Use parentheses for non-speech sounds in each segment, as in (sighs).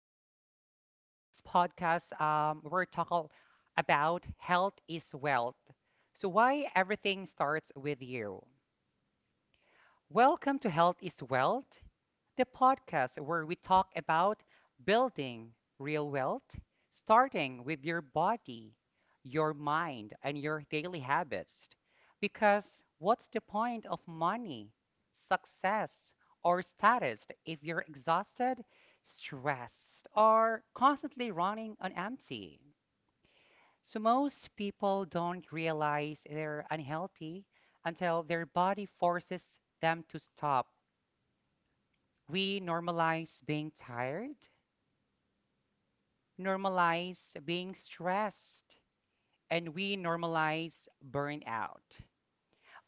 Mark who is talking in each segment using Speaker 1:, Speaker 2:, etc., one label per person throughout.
Speaker 1: today. And this podcast, we're talking about health is wealth. So, why everything starts with you. Welcome to Health is Wealth, the podcast where we talk about building real wealth, starting with your body, your mind, and your daily habits. Because what's the point of money, success, or status if you're exhausted, stressed, or constantly running on empty? So, most people don't realize they're unhealthy until their body forces them to stop. We normalize being tired, normalize being stressed, and we normalize burnout.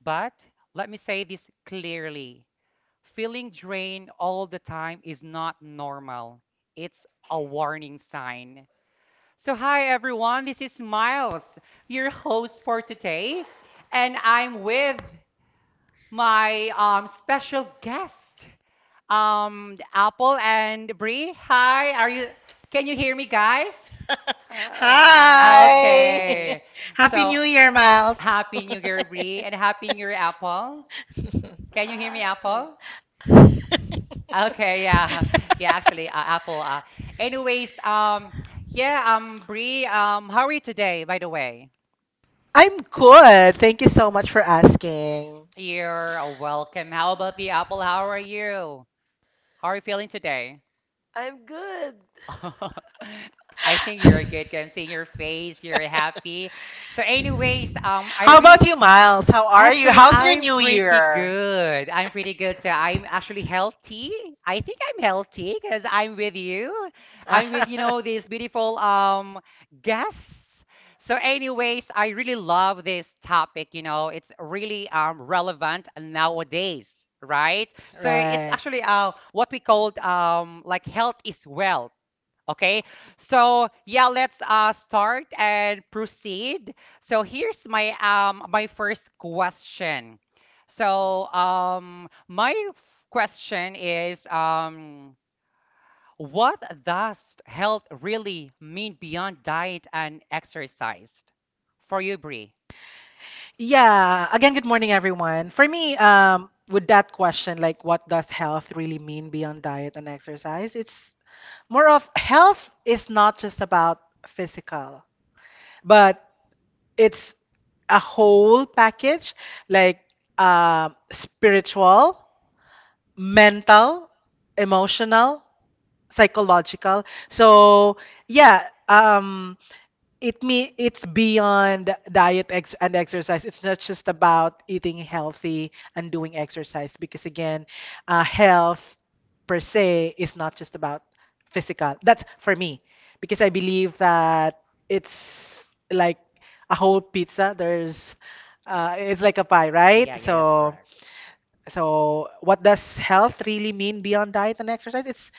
Speaker 1: But let me say this clearly: feeling drained all the time is not normal, it's a warning sign. So, hi everyone, this is Miles, your host for today, and I'm with my special guest. Apple and Bree. Hi, are you can you hear me, guys?
Speaker 2: (laughs) Hi!
Speaker 1: Okay.
Speaker 3: Hi.
Speaker 2: (laughs) Happy
Speaker 1: So,
Speaker 2: New Year, Miles.
Speaker 1: happy New Year, Bree, and
Speaker 2: (laughs)
Speaker 1: happy New Year, Apple. Can you hear me,
Speaker 3: Hi.
Speaker 1: Apple? Okay, yeah. (laughs) Yeah, actually, Apple, anyways, yeah, Bree, how are you today, by the way?
Speaker 2: I'm good. Thank you so much for asking.
Speaker 1: You're welcome. How about the Apple? How are you? How are you feeling today?
Speaker 3: I'm good. (laughs)
Speaker 1: (laughs) I think you're good. 'Cause I'm seeing your face. You're happy. So, anyways, I
Speaker 2: How
Speaker 1: re
Speaker 2: about you, Miles? How are you?
Speaker 1: actually
Speaker 2: How's your
Speaker 1: I'm
Speaker 2: New
Speaker 1: pretty
Speaker 2: Year?
Speaker 1: good. I'm pretty good. So I'm actually healthy. I think I'm healthy because I'm with you. I'm with you know
Speaker 2: (laughs)
Speaker 1: this beautiful guest. So, anyways, I really love this topic. You know, it's really relevant nowadays, right? So it's
Speaker 2: Right.
Speaker 1: actually what we called like health is wealth Okay, so yeah, let's start and proceed. So here's my my first question. So my f- question is what does health really mean beyond diet and exercise? For you, Bree.
Speaker 2: Yeah, again, good morning, everyone. For me, with that question, like what does health really mean beyond diet and exercise? It's more of health is not just about physical, but it's a whole package like spiritual, mental, emotional, psychological. So, yeah, it's beyond diet ex and exercise. It's not just about eating healthy and doing exercise because again, health per se is not just about physical. That's for me because I believe that it's like a whole pizza. There's it's like a pie, right?
Speaker 1: Yeah, yeah, that's
Speaker 2: So
Speaker 1: correct.
Speaker 2: what does health really mean beyond diet and exercise? It's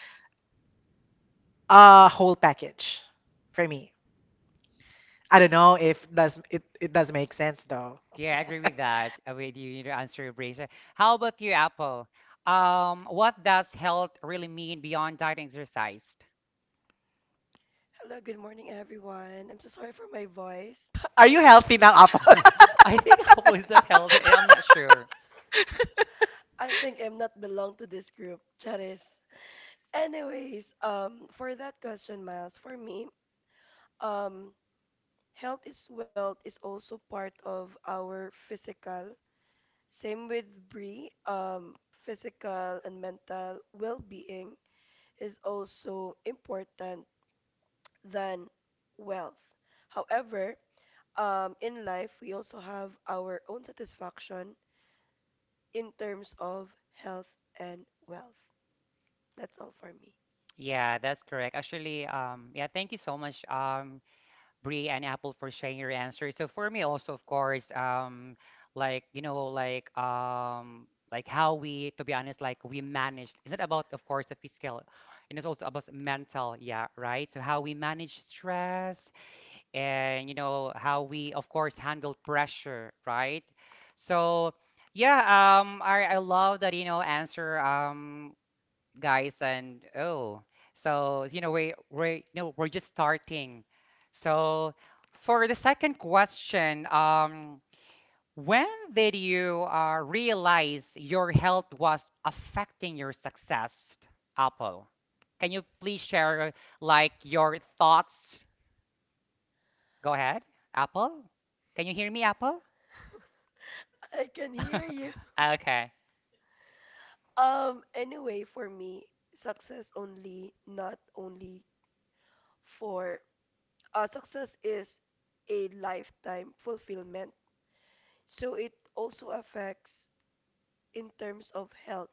Speaker 2: a whole package for me. I don't know if it does make sense though.
Speaker 1: Yeah, I agree with that. With you, your answer, Bree. So how about you, Apple? What does health really mean beyond diet and exercise?
Speaker 3: Hello, good morning, everyone. I'm so sorry for my voice.
Speaker 2: (laughs) Are you healthy now, Apple? (laughs)
Speaker 1: (laughs) I think Apple is not healthy. I'm not sure.
Speaker 3: I think I'm not belong to this group. Charis. Anyways, for that question, Miles, for me, um, health is wealth is also part of our physical. Same with Brie. Physical and mental well-being is also important than wealth. However, in life, we also have our own satisfaction in terms of health and wealth. That's all for me.
Speaker 1: Yeah, that's correct. Actually, yeah, thank you so much, Bree and Apple, for sharing your answers. So for me also, of course, like, like, like how we, to be honest, like we manage. It's not about, of course, the physical, and it's also about mental. Yeah, right. So how we manage stress, and you know how we of course handle pressure, right? So, yeah, I love that answer, guys. And oh, so we we're just starting. So for the second question, when did you realize your health was affecting your success, Apple? Can you please share like your thoughts? Go ahead. Apple? Can you hear me, Apple?
Speaker 3: I can hear you. (laughs)
Speaker 1: (laughs) Okay.
Speaker 3: Anyway, for me, success only, not only for success is a lifetime fulfillment. So it also affects in terms of health.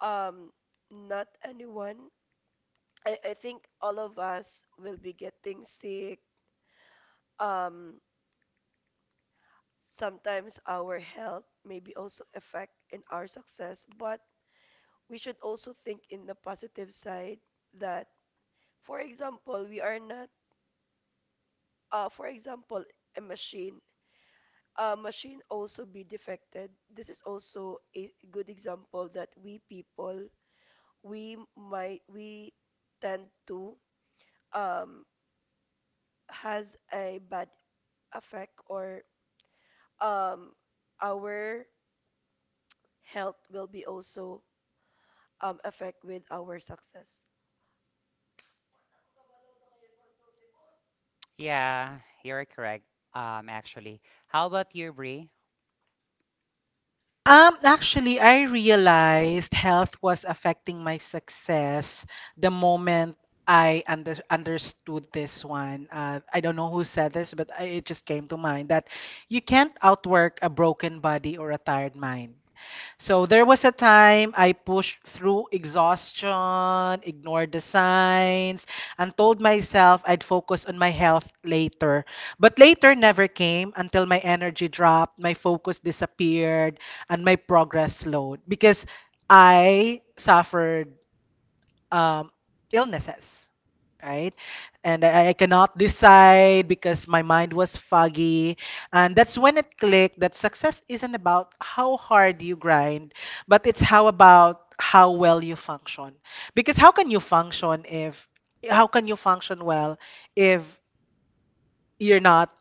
Speaker 3: Um, not anyone. I think all of us will be getting sick. Um, Sometimes our health may be also affect in our success, but we should also think in the positive side that, for example, we are not, for example, a machine. A machine also be defected. This is also a good example that we people we tend to um has a bad effect or um our health will be also affect with our success.
Speaker 1: Yeah, you're correct. Actually, how about you, Brie?
Speaker 2: Actually, I realized health was affecting my success the moment I understood this one. I don't know who said this, but it just came to mind that you can't outwork a broken body or a tired mind. So there was a time I pushed through exhaustion, ignored the signs, and told myself I'd focus on my health later. But later never came until my energy dropped, my focus disappeared, and my progress slowed because I suffered um, illnesses, right? And I cannot decide because my mind was foggy. And that's when it clicked that success isn't about how hard you grind, but it's how about how well you function. Because how can you function well if you're not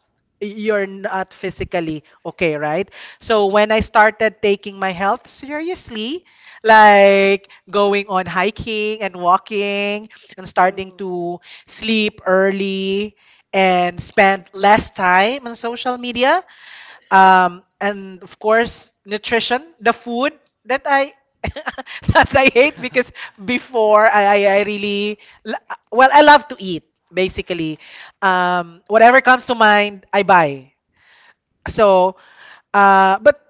Speaker 2: you're
Speaker 3: Fully.
Speaker 2: not physically okay, right? So when I started taking my health seriously, like going on hiking and walking and starting
Speaker 3: True.
Speaker 2: to sleep early and spend less time on social media, and of course, nutrition, the food that I (laughs) that I hate because
Speaker 1: (laughs)
Speaker 2: before I really l- well I love to eat basically. Whatever comes to mind, I buy. So, but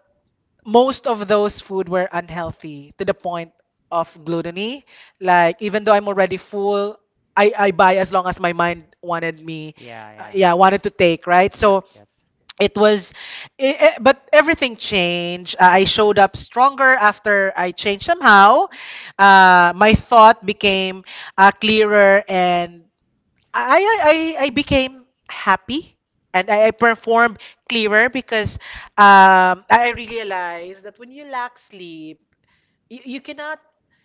Speaker 2: most of those food were unhealthy to the point of gluttony. Like even though I'm already full, I buy as long as my mind wanted me,
Speaker 1: Yeah, yeah.
Speaker 2: yeah, wanted to take, right?
Speaker 1: Correct.
Speaker 2: So
Speaker 1: Yes.
Speaker 2: it was but everything changed. I showed up stronger after I changed somehow. My thought became clearer and I became happy and I performed clearer because I realized that when you lack sleep, you cannot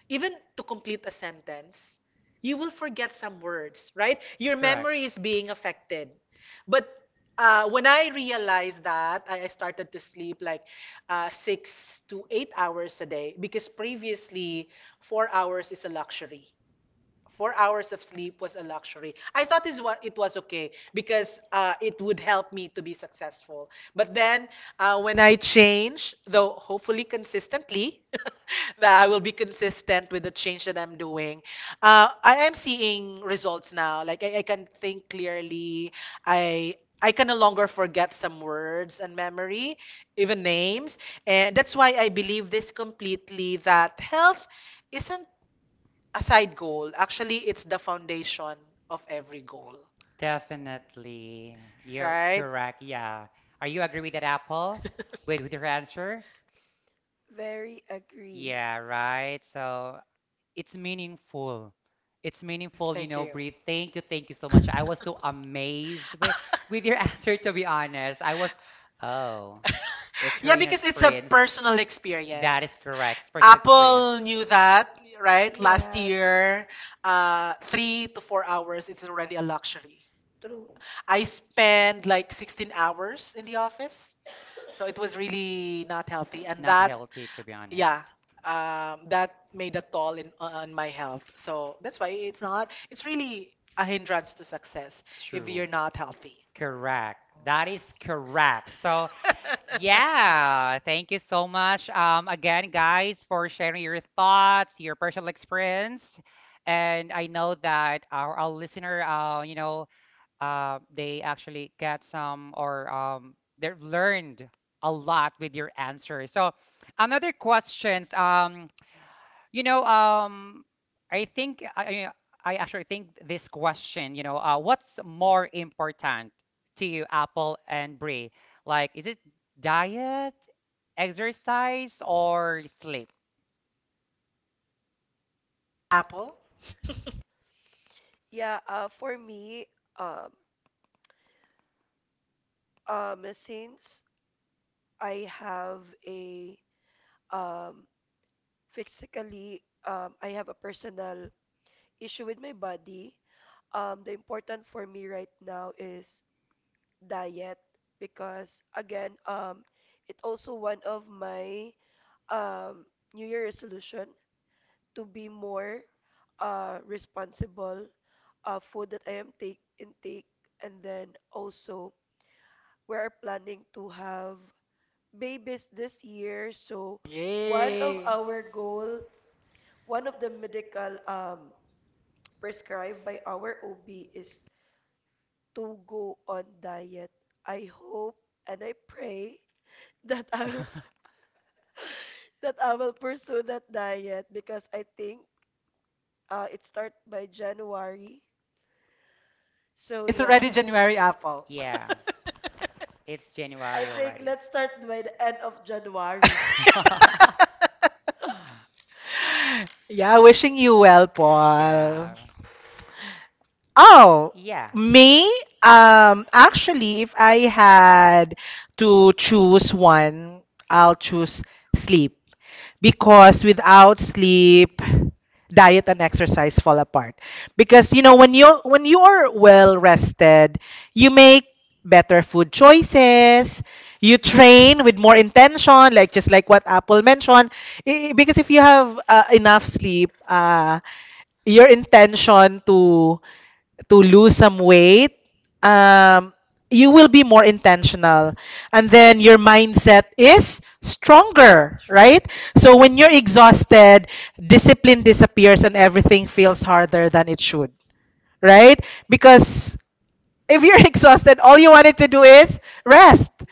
Speaker 2: even to complete a sentence, you will forget some words, right? Your
Speaker 1: Correct.
Speaker 2: memory is being affected. But when I realized that, I started to sleep like 6 to 8 hours a day because previously 4 hours is a luxury. 4 hours of sleep was a luxury. I thought it was okay because it would help me to be successful. But then when I change, though hopefully consistently, (laughs) that I will be consistent with the change that I'm doing, I am seeing results now. Like I can think clearly. I I can no longer forget some words and memory, even names. And that's why I believe this completely that health isn't a side goal. Actually, it's the foundation of every goal.
Speaker 1: Definitely. You're
Speaker 2: Right?
Speaker 1: correct. Yeah. Are you agree with that, Apple? With your answer?
Speaker 3: Very agree.
Speaker 1: Yeah, right. So it's meaningful. It's meaningful, you
Speaker 2: Thank
Speaker 1: know,
Speaker 2: you.
Speaker 1: Bree. Thank you so much. I was so
Speaker 2: (laughs)
Speaker 1: amazed with your (laughs) answer, to be honest. I was, oh, it's her,
Speaker 2: Yeah,
Speaker 1: you know,
Speaker 2: because it's a
Speaker 1: experience.
Speaker 2: personal experience.
Speaker 1: That is correct. Spiritual
Speaker 2: Apple
Speaker 1: experience.
Speaker 2: knew that, right? Last
Speaker 3: Yes.
Speaker 2: year, 3 to 4 hours is already a luxury.
Speaker 3: True.
Speaker 2: I spent like 16 hours in the office, so it was really not healthy. And
Speaker 1: Not
Speaker 2: that
Speaker 1: healthy, to be
Speaker 2: yeah,
Speaker 1: honest.
Speaker 2: that made a toll in on my health, so that's why it's not it's really a hindrance to success if
Speaker 1: True.
Speaker 2: you're not healthy.
Speaker 1: Correct. That is correct. So,
Speaker 2: (laughs)
Speaker 1: yeah, thank you so much. Again, guys, for sharing your thoughts, your personal experience. And I know that our listener, they actually get some, or they've learned a lot with your answer. So, another questions, you know, um, I think I actually think this question, what's more important to you, Apple and Brie? Like, is it diet, exercise, or sleep?
Speaker 2: Apple. (laughs)
Speaker 3: Yeah, for me, um, since I have a um, physically, I have a personal issue with my body. The important for me right now is diet because again, it also one of my um, New Year resolution to be more responsible food that I am take intake, and then also we are planning to have babies this year. So one of
Speaker 2: Yay.
Speaker 3: our goal, one of the medical (tsk) prescribed by our OB is to go on diet. I hope and I pray (laughs) that I will
Speaker 1: (laughs)
Speaker 3: (laughs) that I will pursue that diet because I think it start by January. So
Speaker 2: It's
Speaker 3: yeah,
Speaker 2: already January, Apple.
Speaker 1: Yeah, it's
Speaker 3: I
Speaker 1: January
Speaker 3: think
Speaker 1: already.
Speaker 3: let's start by the end of January. (laughs)
Speaker 2: (laughs)
Speaker 1: (laughs)
Speaker 2: Yeah, wishing you well, Paul.
Speaker 1: Yeah,
Speaker 2: Oh,
Speaker 1: yeah,
Speaker 2: me, actually, if I had to choose one, I'll choose sleep because without sleep, diet and exercise fall apart. Because you know, when you are well rested, you make better food choices. You train with more intention, like just like what Apple mentioned. Because if you have enough sleep, your intention to lose some weight, um, you will be more intentional. And then your mindset is stronger,
Speaker 1: true.
Speaker 2: right? So when you're exhausted, discipline disappears and everything feels harder than it should, right? Because if you're (laughs) exhausted, all you wanted to do is rest. Yes,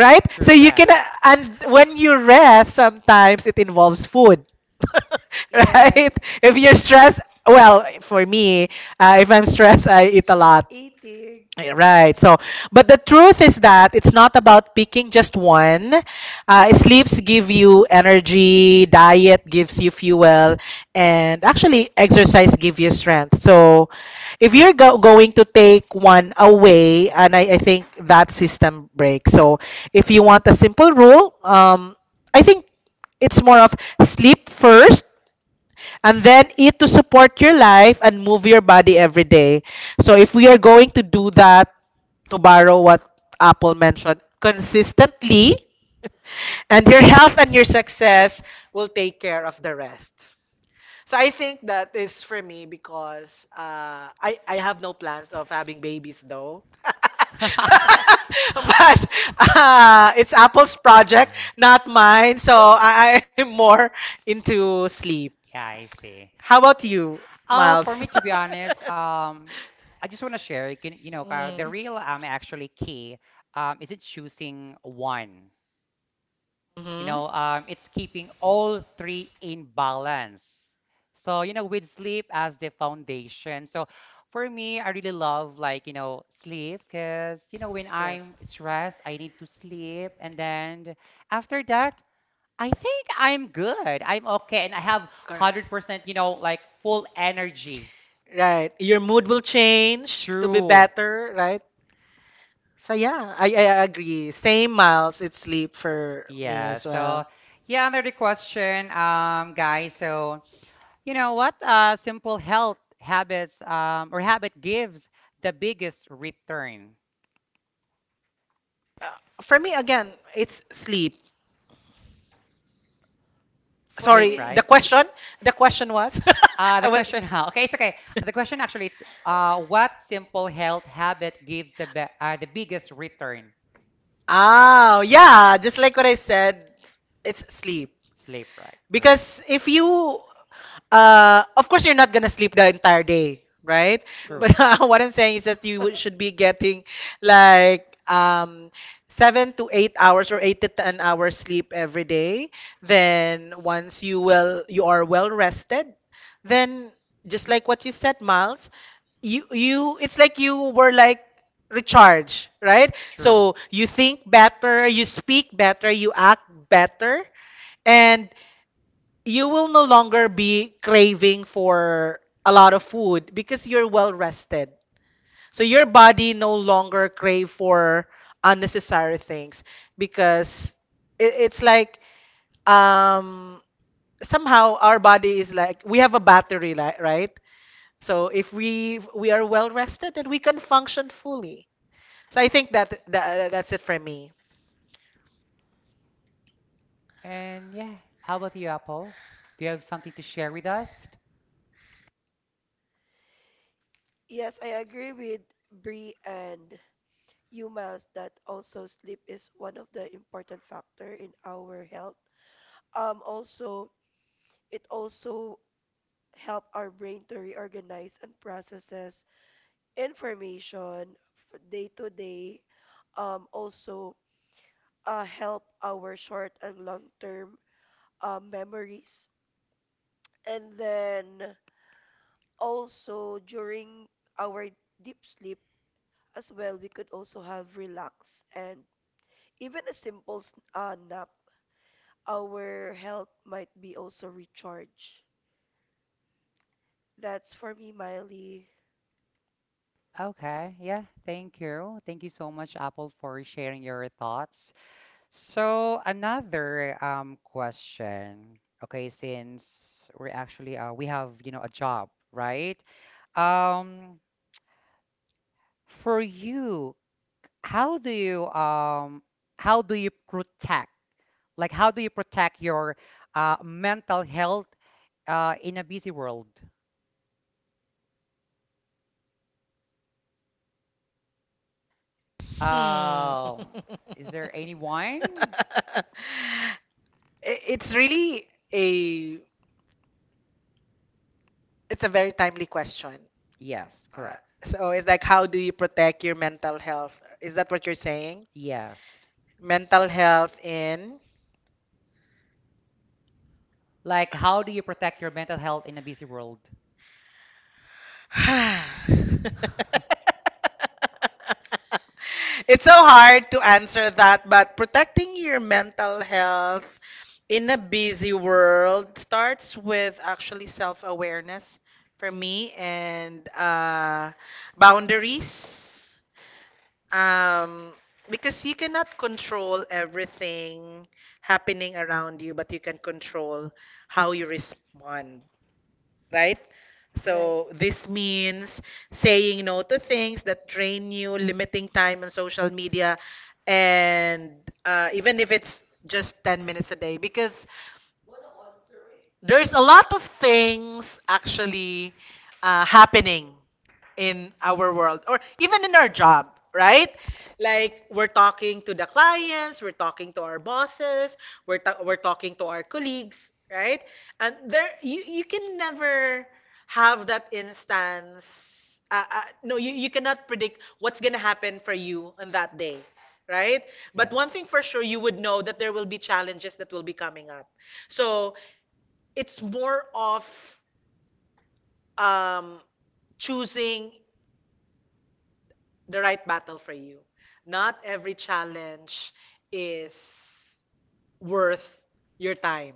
Speaker 1: True,
Speaker 2: So
Speaker 1: true
Speaker 2: you can,
Speaker 1: rest. (laughs)
Speaker 2: and when you rest, sometimes it involves food, (laughs)
Speaker 3: Yes.
Speaker 2: right? If you're stressed, well, for me, if I'm stressed, I eat a
Speaker 3: Stress
Speaker 2: lot.
Speaker 3: eating.
Speaker 2: Yeah, right. So, but the truth is that it's not about picking just one. Sleeps give you energy, diet gives you fuel, and actually exercise gives you strength. So, if you're go going to take one away, and I think that system breaks. So, if you want a simple rule, I think it's more of sleep first, and then eat to support your life and move your body every day. So if we are going to do that, to borrow what Apple mentioned, consistently, (laughs) and your health and your success will take care of the rest. So I think that is for me because I have no plans of having babies though. (laughs)
Speaker 3: (laughs)
Speaker 2: But it's Apple's project, not mine. So I'm more into sleep.
Speaker 1: Yeah, I see.
Speaker 2: How about you,
Speaker 1: For
Speaker 2: Miles?
Speaker 1: me, to be
Speaker 2: (laughs)
Speaker 1: honest, I just want to share, the
Speaker 2: Mm.
Speaker 1: real actually key isn't choosing one.
Speaker 2: Mhm.
Speaker 1: It's keeping all three in balance, so with sleep as the foundation. So, for me, I really love like sleep, because when
Speaker 2: Correct.
Speaker 1: I'm stressed I need to sleep, and then after that, I think I'm good, I'm okay, and I have
Speaker 2: Correct.
Speaker 1: 100% like full energy.
Speaker 2: Right. Your mood will change to be
Speaker 1: True.
Speaker 2: better, right? So yeah, I agree. Same, Miles, it's sleep for me
Speaker 1: Yeah.
Speaker 2: as
Speaker 1: So,
Speaker 2: well.
Speaker 1: yeah, another question, guys. So, you know what? Simple health habits, or habit, gives the biggest return.
Speaker 2: For me again, it's sleep.
Speaker 3: For
Speaker 1: Sleep,
Speaker 2: Sorry,
Speaker 3: me,
Speaker 1: right?
Speaker 3: sleep.
Speaker 2: the question was, (laughs) I
Speaker 1: The
Speaker 2: was.
Speaker 1: question, (laughs) okay, it's okay. The question actually, it's what simple health habit gives the biggest return?
Speaker 2: Oh, yeah, just like what I said, it's sleep.
Speaker 1: Sleep, right? Correct.
Speaker 2: Because if you, of course, you're not gonna sleep the entire day, right?
Speaker 3: True.
Speaker 1: True.
Speaker 2: But (laughs) what I'm saying is that should
Speaker 3: (laughs)
Speaker 2: be getting like 7 to 8 hours or 8 to 10 hours sleep every day. Then once you are well rested. Then just like what you said, Miles, you it's like you were like recharged, right?
Speaker 1: True.
Speaker 2: So you think better, you speak better, you act better. And you will no longer be craving for a lot of food because you're well rested. So your body no longer crave for unnecessary things because it's like um somehow our body is like we have a right? So if we are well rested then we can function fully. So I think that's it for me.
Speaker 1: And yeah, how about you, Apple? Do you have something to share with us?
Speaker 3: Yes, I agree with Bree and Yumas that also sleep is one of the important factor in our health. Also, it also help our brain to reorganize and processes information f- day to day. Also, help our short and long term memories. And then also during our deep sleep as well, we could also have relax and even a simple nap. Our health might be also recharged. That's for me, Miley.
Speaker 1: Okay, yeah, thank you. Thank you so much, Apple, for sharing your thoughts. So, another question. Okay, since we're actually, we have, you know, a job, right? Um, for you, how do you, how do you protect? Like, how do you protect your mental health in a busy world?
Speaker 2: Hmm.
Speaker 1: Um, is there anyone?
Speaker 2: (laughs) It's really a it's a very timely question.
Speaker 1: Yes,
Speaker 2: Uh,
Speaker 1: correct.
Speaker 2: so it's like how do you protect your mental health? Is that what you're saying?
Speaker 1: Yes.
Speaker 2: Mental health in.
Speaker 1: Like, how do you protect your mental health in a busy world?
Speaker 2: (sighs)
Speaker 1: (laughs)
Speaker 2: It's so hard to answer that, but protecting your mental health in a busy world starts with actually self-awareness for me and boundaries. Um, because you cannot control everything happening around you, but you can control how you respond, right?
Speaker 3: Right.
Speaker 2: So this means saying no to things that drain you, limiting time on social media, and even if it's just 10 minutes a day, because mm-hmm, there's a lot of things actually happening in our world or even in our job, right? Like we're talking to the clients, we're talking to our bosses, we're talking to our colleagues, right? And there you can never have that instance. No, you cannot predict what's gonna happen for you on that day, right? But
Speaker 1: Yes.
Speaker 2: one thing for sure, you would know that there will be challenges that will be coming up. So it's more of um, choosing the right battle for you. Not every challenge is worth your time.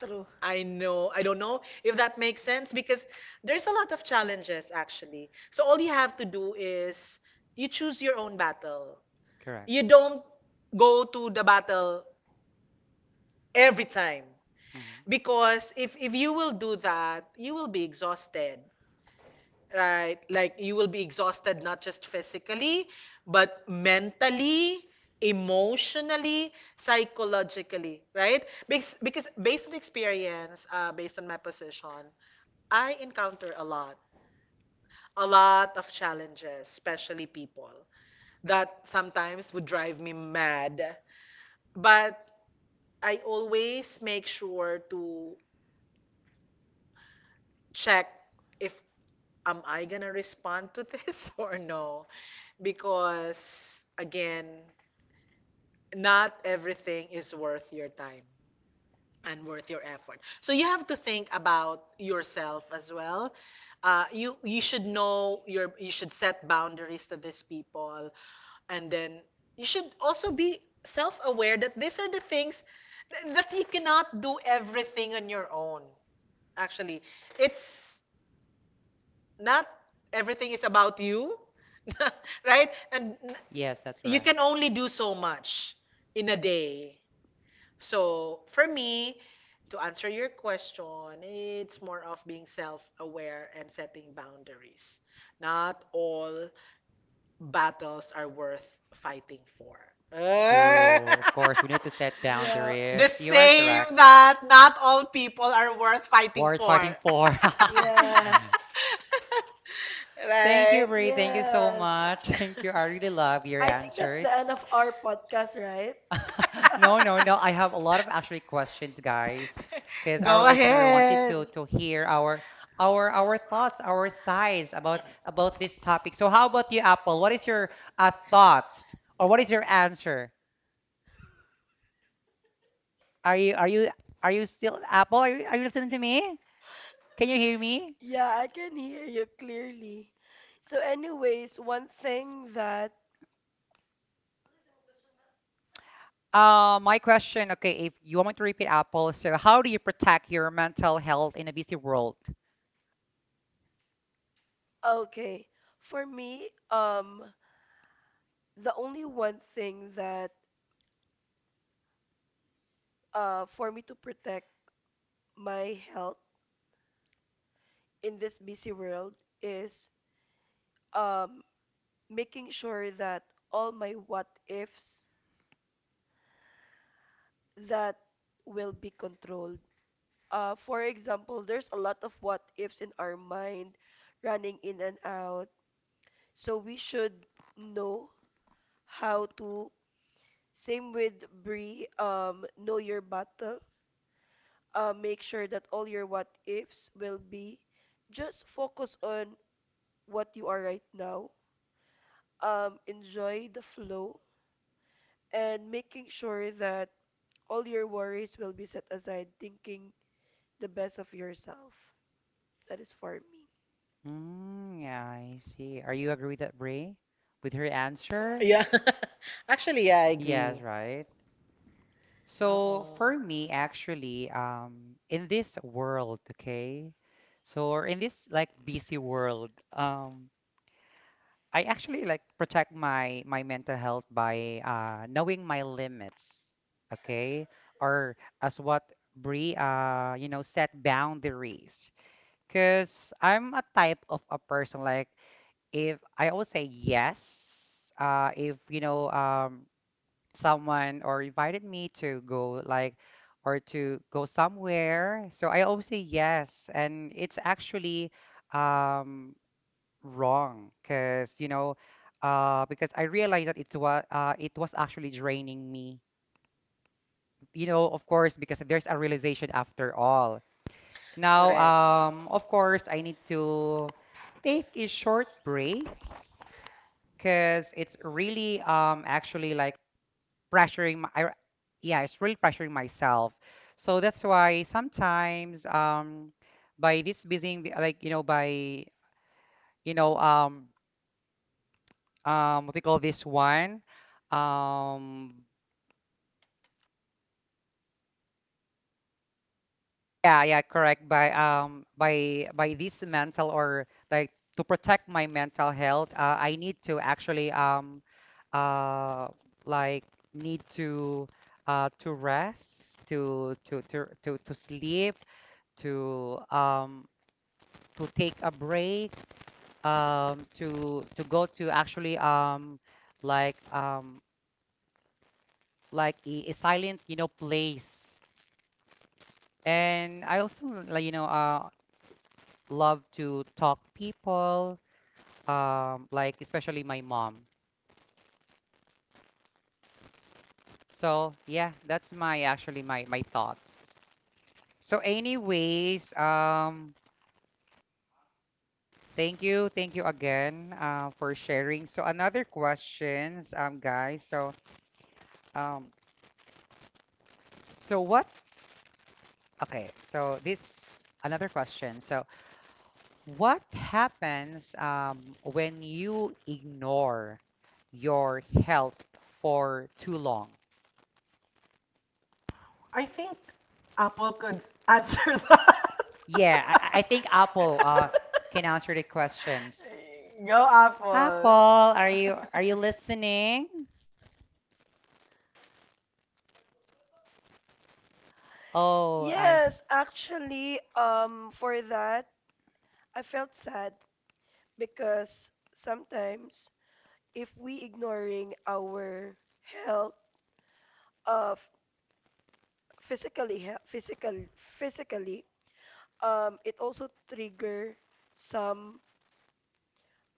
Speaker 3: True.
Speaker 2: I know, I don't know if that makes sense because there's a lot of challenges actually. So all you have to do is you choose your own battle.
Speaker 1: Correct.
Speaker 2: You don't go to the battle every time
Speaker 1: Hmm.
Speaker 2: because if you will do that, you will be exhausted. Right? Like you will be exhausted not just physically, but mentally, emotionally, psychologically, right? Because based on experience, based on my position, I encounter a lot of challenges, especially people that sometimes would drive me mad. But I always make sure to check if am I gonna respond to this (laughs) or no? Because again, not everything is worth your time and worth your effort. So you have to think about yourself as well. You should know you should set boundaries to these people, and then you should also be self-aware that these are the things that you cannot do everything on your own. Actually, it's not everything is about you, (laughs) right? And
Speaker 1: Yes, that's
Speaker 2: you
Speaker 1: correct.
Speaker 2: can only do so much in a day. So for me, to answer your question, it's more of being self aware and setting boundaries. Not all battles are worth fighting for. Ah!
Speaker 1: True. Of course, we need to set
Speaker 3: Yeah.
Speaker 2: (laughs) the
Speaker 1: boundaries. You are
Speaker 2: same
Speaker 1: correct.
Speaker 2: that not all people are worth fighting
Speaker 1: Worth
Speaker 2: for.
Speaker 1: fighting for.
Speaker 3: Yes.
Speaker 1: (laughs)
Speaker 2: (laughs)
Speaker 1: Thank you,
Speaker 2: Right.
Speaker 1: Ray. Thank you so
Speaker 3: Yes.
Speaker 1: much. (laughs) Thank you. I really
Speaker 2: (laughs)
Speaker 1: love your
Speaker 3: I think that's the
Speaker 1: answers.
Speaker 3: end of our podcast, right?
Speaker 1: (laughs)
Speaker 3: (laughs)
Speaker 1: No, no, no. I have a lot of actually questions, guys, because our
Speaker 2: Go
Speaker 1: listener wanted
Speaker 2: ahead.
Speaker 1: to hear our thoughts, our sides about this topic. So how about you, Apple? What is your thoughts, or what is your answer? Are you are you are you still, Apple? Are you listening to me? Can you hear me?
Speaker 3: Yeah, I can hear you clearly. So, anyways,
Speaker 1: My question, okay, if you want me to repeat, Apple: so how do you protect your mental health in a busy world?
Speaker 3: okay, for me, the only one thing that, for me to protect my health in this busy world is, um, making sure that all my what ifs that will be controlled. For example, there's a lot of what ifs in our mind running in and out. So we should know how to, same with Brie, know your battle. Make sure that all your what ifs will be just focus on what you are right now. Enjoy the flow and making sure that all your worries will be set aside, thinking the best of yourself. That is for me.
Speaker 1: Mm, yeah, I see. Are you agree with that, Brie? With her answer?
Speaker 2: Yeah. (laughs) Actually, yeah, I
Speaker 1: Yes,
Speaker 2: agree.
Speaker 1: right. So
Speaker 2: Mm-mm.
Speaker 1: for me, actually, in this world, okay, so, or in this like busy world, I actually like protect my mental health by knowing my limits, okay? Or as what Bree set boundaries. 'Cause I'm a type of a person like, if I always say yes, if someone or invited me to go like, or to go somewhere, so I always say yes, and it's actually um wrong, because because I realized that it was actually draining me, of course, because there's a realization after all. Now,
Speaker 2: Correct.
Speaker 1: of course, I need to take a short break, because it's really actually like pressuring yeah, it's really pressuring myself. So that's why sometimes, by this busy like, by, you know um what we call this one, um yeah, yeah, correct, by, by this mental, or like, to protect my mental health, I need to actually, uh like, need to, to rest, to to sleep, to um to take a break, to go to, actually, like, like a silent, place. And I also like, love to talk people, like, especially my mom. So yeah, that's my actually my my thoughts. So anyways, thank you again, for sharing. So, another questions, guys. Um so what, okay, so this another question. So, what happens, when you ignore your health for too long?
Speaker 2: I think Apple could (laughs) answer that.
Speaker 1: Yeah, I think Apple can answer the questions.
Speaker 2: (laughs) Go,
Speaker 1: Apple,
Speaker 2: Apple.
Speaker 1: are you listening? Oh, I.
Speaker 3: Yes, actually, for that, I felt sad because sometimes if we ignoring our health of physically health, physical physically, it also trigger some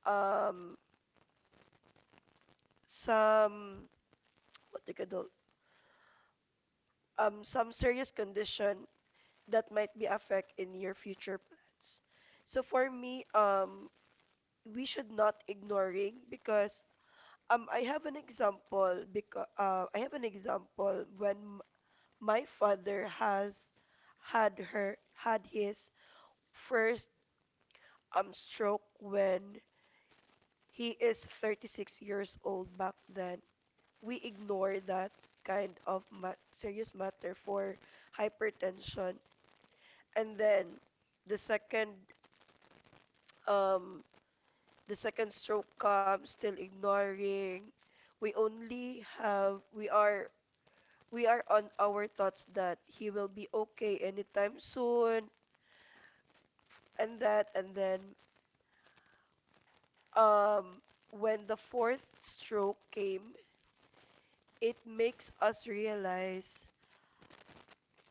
Speaker 3: um some what do you call some serious condition that might be affect in your future plans. So for me, we should not ignoring because I have an example when my father has had her had his first stroke when he is 36 years old back then. We ignore that kind of ma serious matter for hypertension. And then the second um the second stroke comes still ignoring. We only have we are We are on our thoughts that he will be okay anytime soon and that and then um when the fourth stroke came, it makes us realize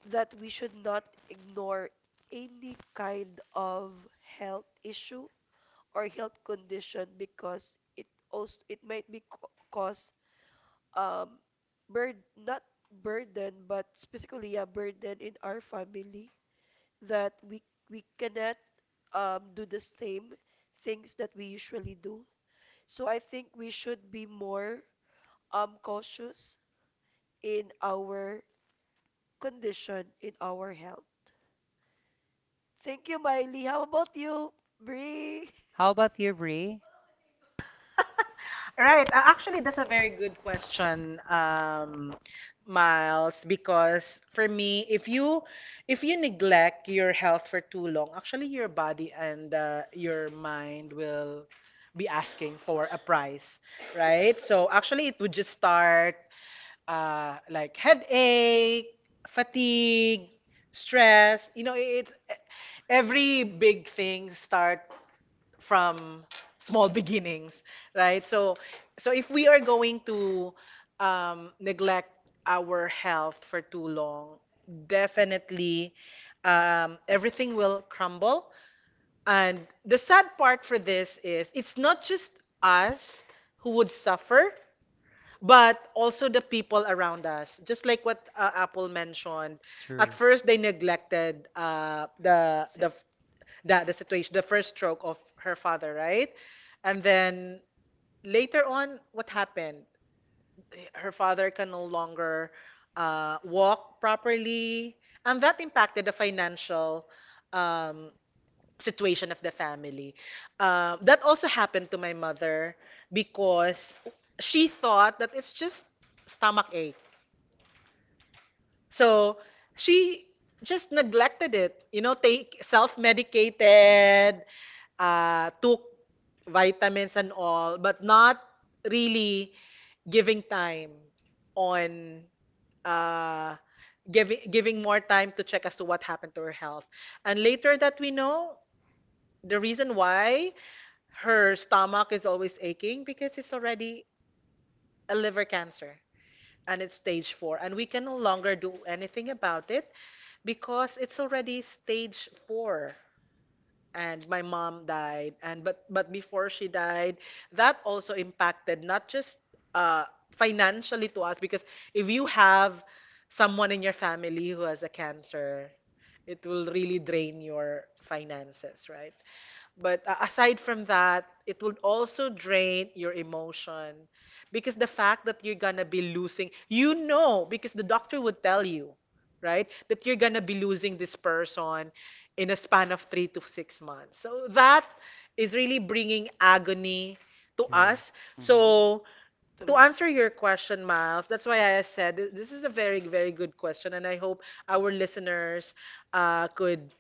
Speaker 3: that we should not ignore any kind of health issue or health condition because it might be cause um bird not burden but specifically a burden in our family that we cannot do the same things that we usually do. So I think we should be more cautious in our condition, in our health. Thank you, Miley. How about you, Bree?
Speaker 1: How about you, Bree?
Speaker 2: Right. Actually, that's a very good question, Miles, because for me, if you neglect your health for too long, actually your body and your mind will be asking for a price, right? So actually, it would just start like headache, fatigue, stress. You know, it's every big thing start from small (laughs) beginnings, right? So if we are going to neglect our health for too long, definitely everything will crumble. And the sad part for this is it's not just us who would suffer, but also the people around us. Just like what Apple mentioned,
Speaker 1: True.
Speaker 2: at first they neglected uh, the
Speaker 3: Same,
Speaker 2: the the the situation, the first stroke of her father, right? And then later on, what happened? Her father can no longer walk properly, and that impacted the financial um, situation of the family. That also happened to my mother because she thought that it's just stomach ache. So she just neglected it, you know, take self-medicated, took vitamins and all, but not really giving time on uh, giving more time to check as to what happened to her health. And later that we know, the reason why her stomach is always aching because it's already a liver cancer and it's stage four and we can no longer do anything about it because it's already stage four and my mom died, and but before she died that also impacted not just uh, financially to us, because if you have someone in your family who has a cancer it will really drain your finances, right? But aside from that, it would also drain your emotion, because the fact that you're gonna be losing, you know, because the doctor would tell you, right, that you're gonna be losing this person in a span of 3 to 6 months. So that is really bringing agony to
Speaker 1: True.
Speaker 2: us.
Speaker 1: Hmm.
Speaker 2: So to
Speaker 3: true.
Speaker 2: answer your question, Miles, that's why I said this is a very, very good question, and I hope our listeners could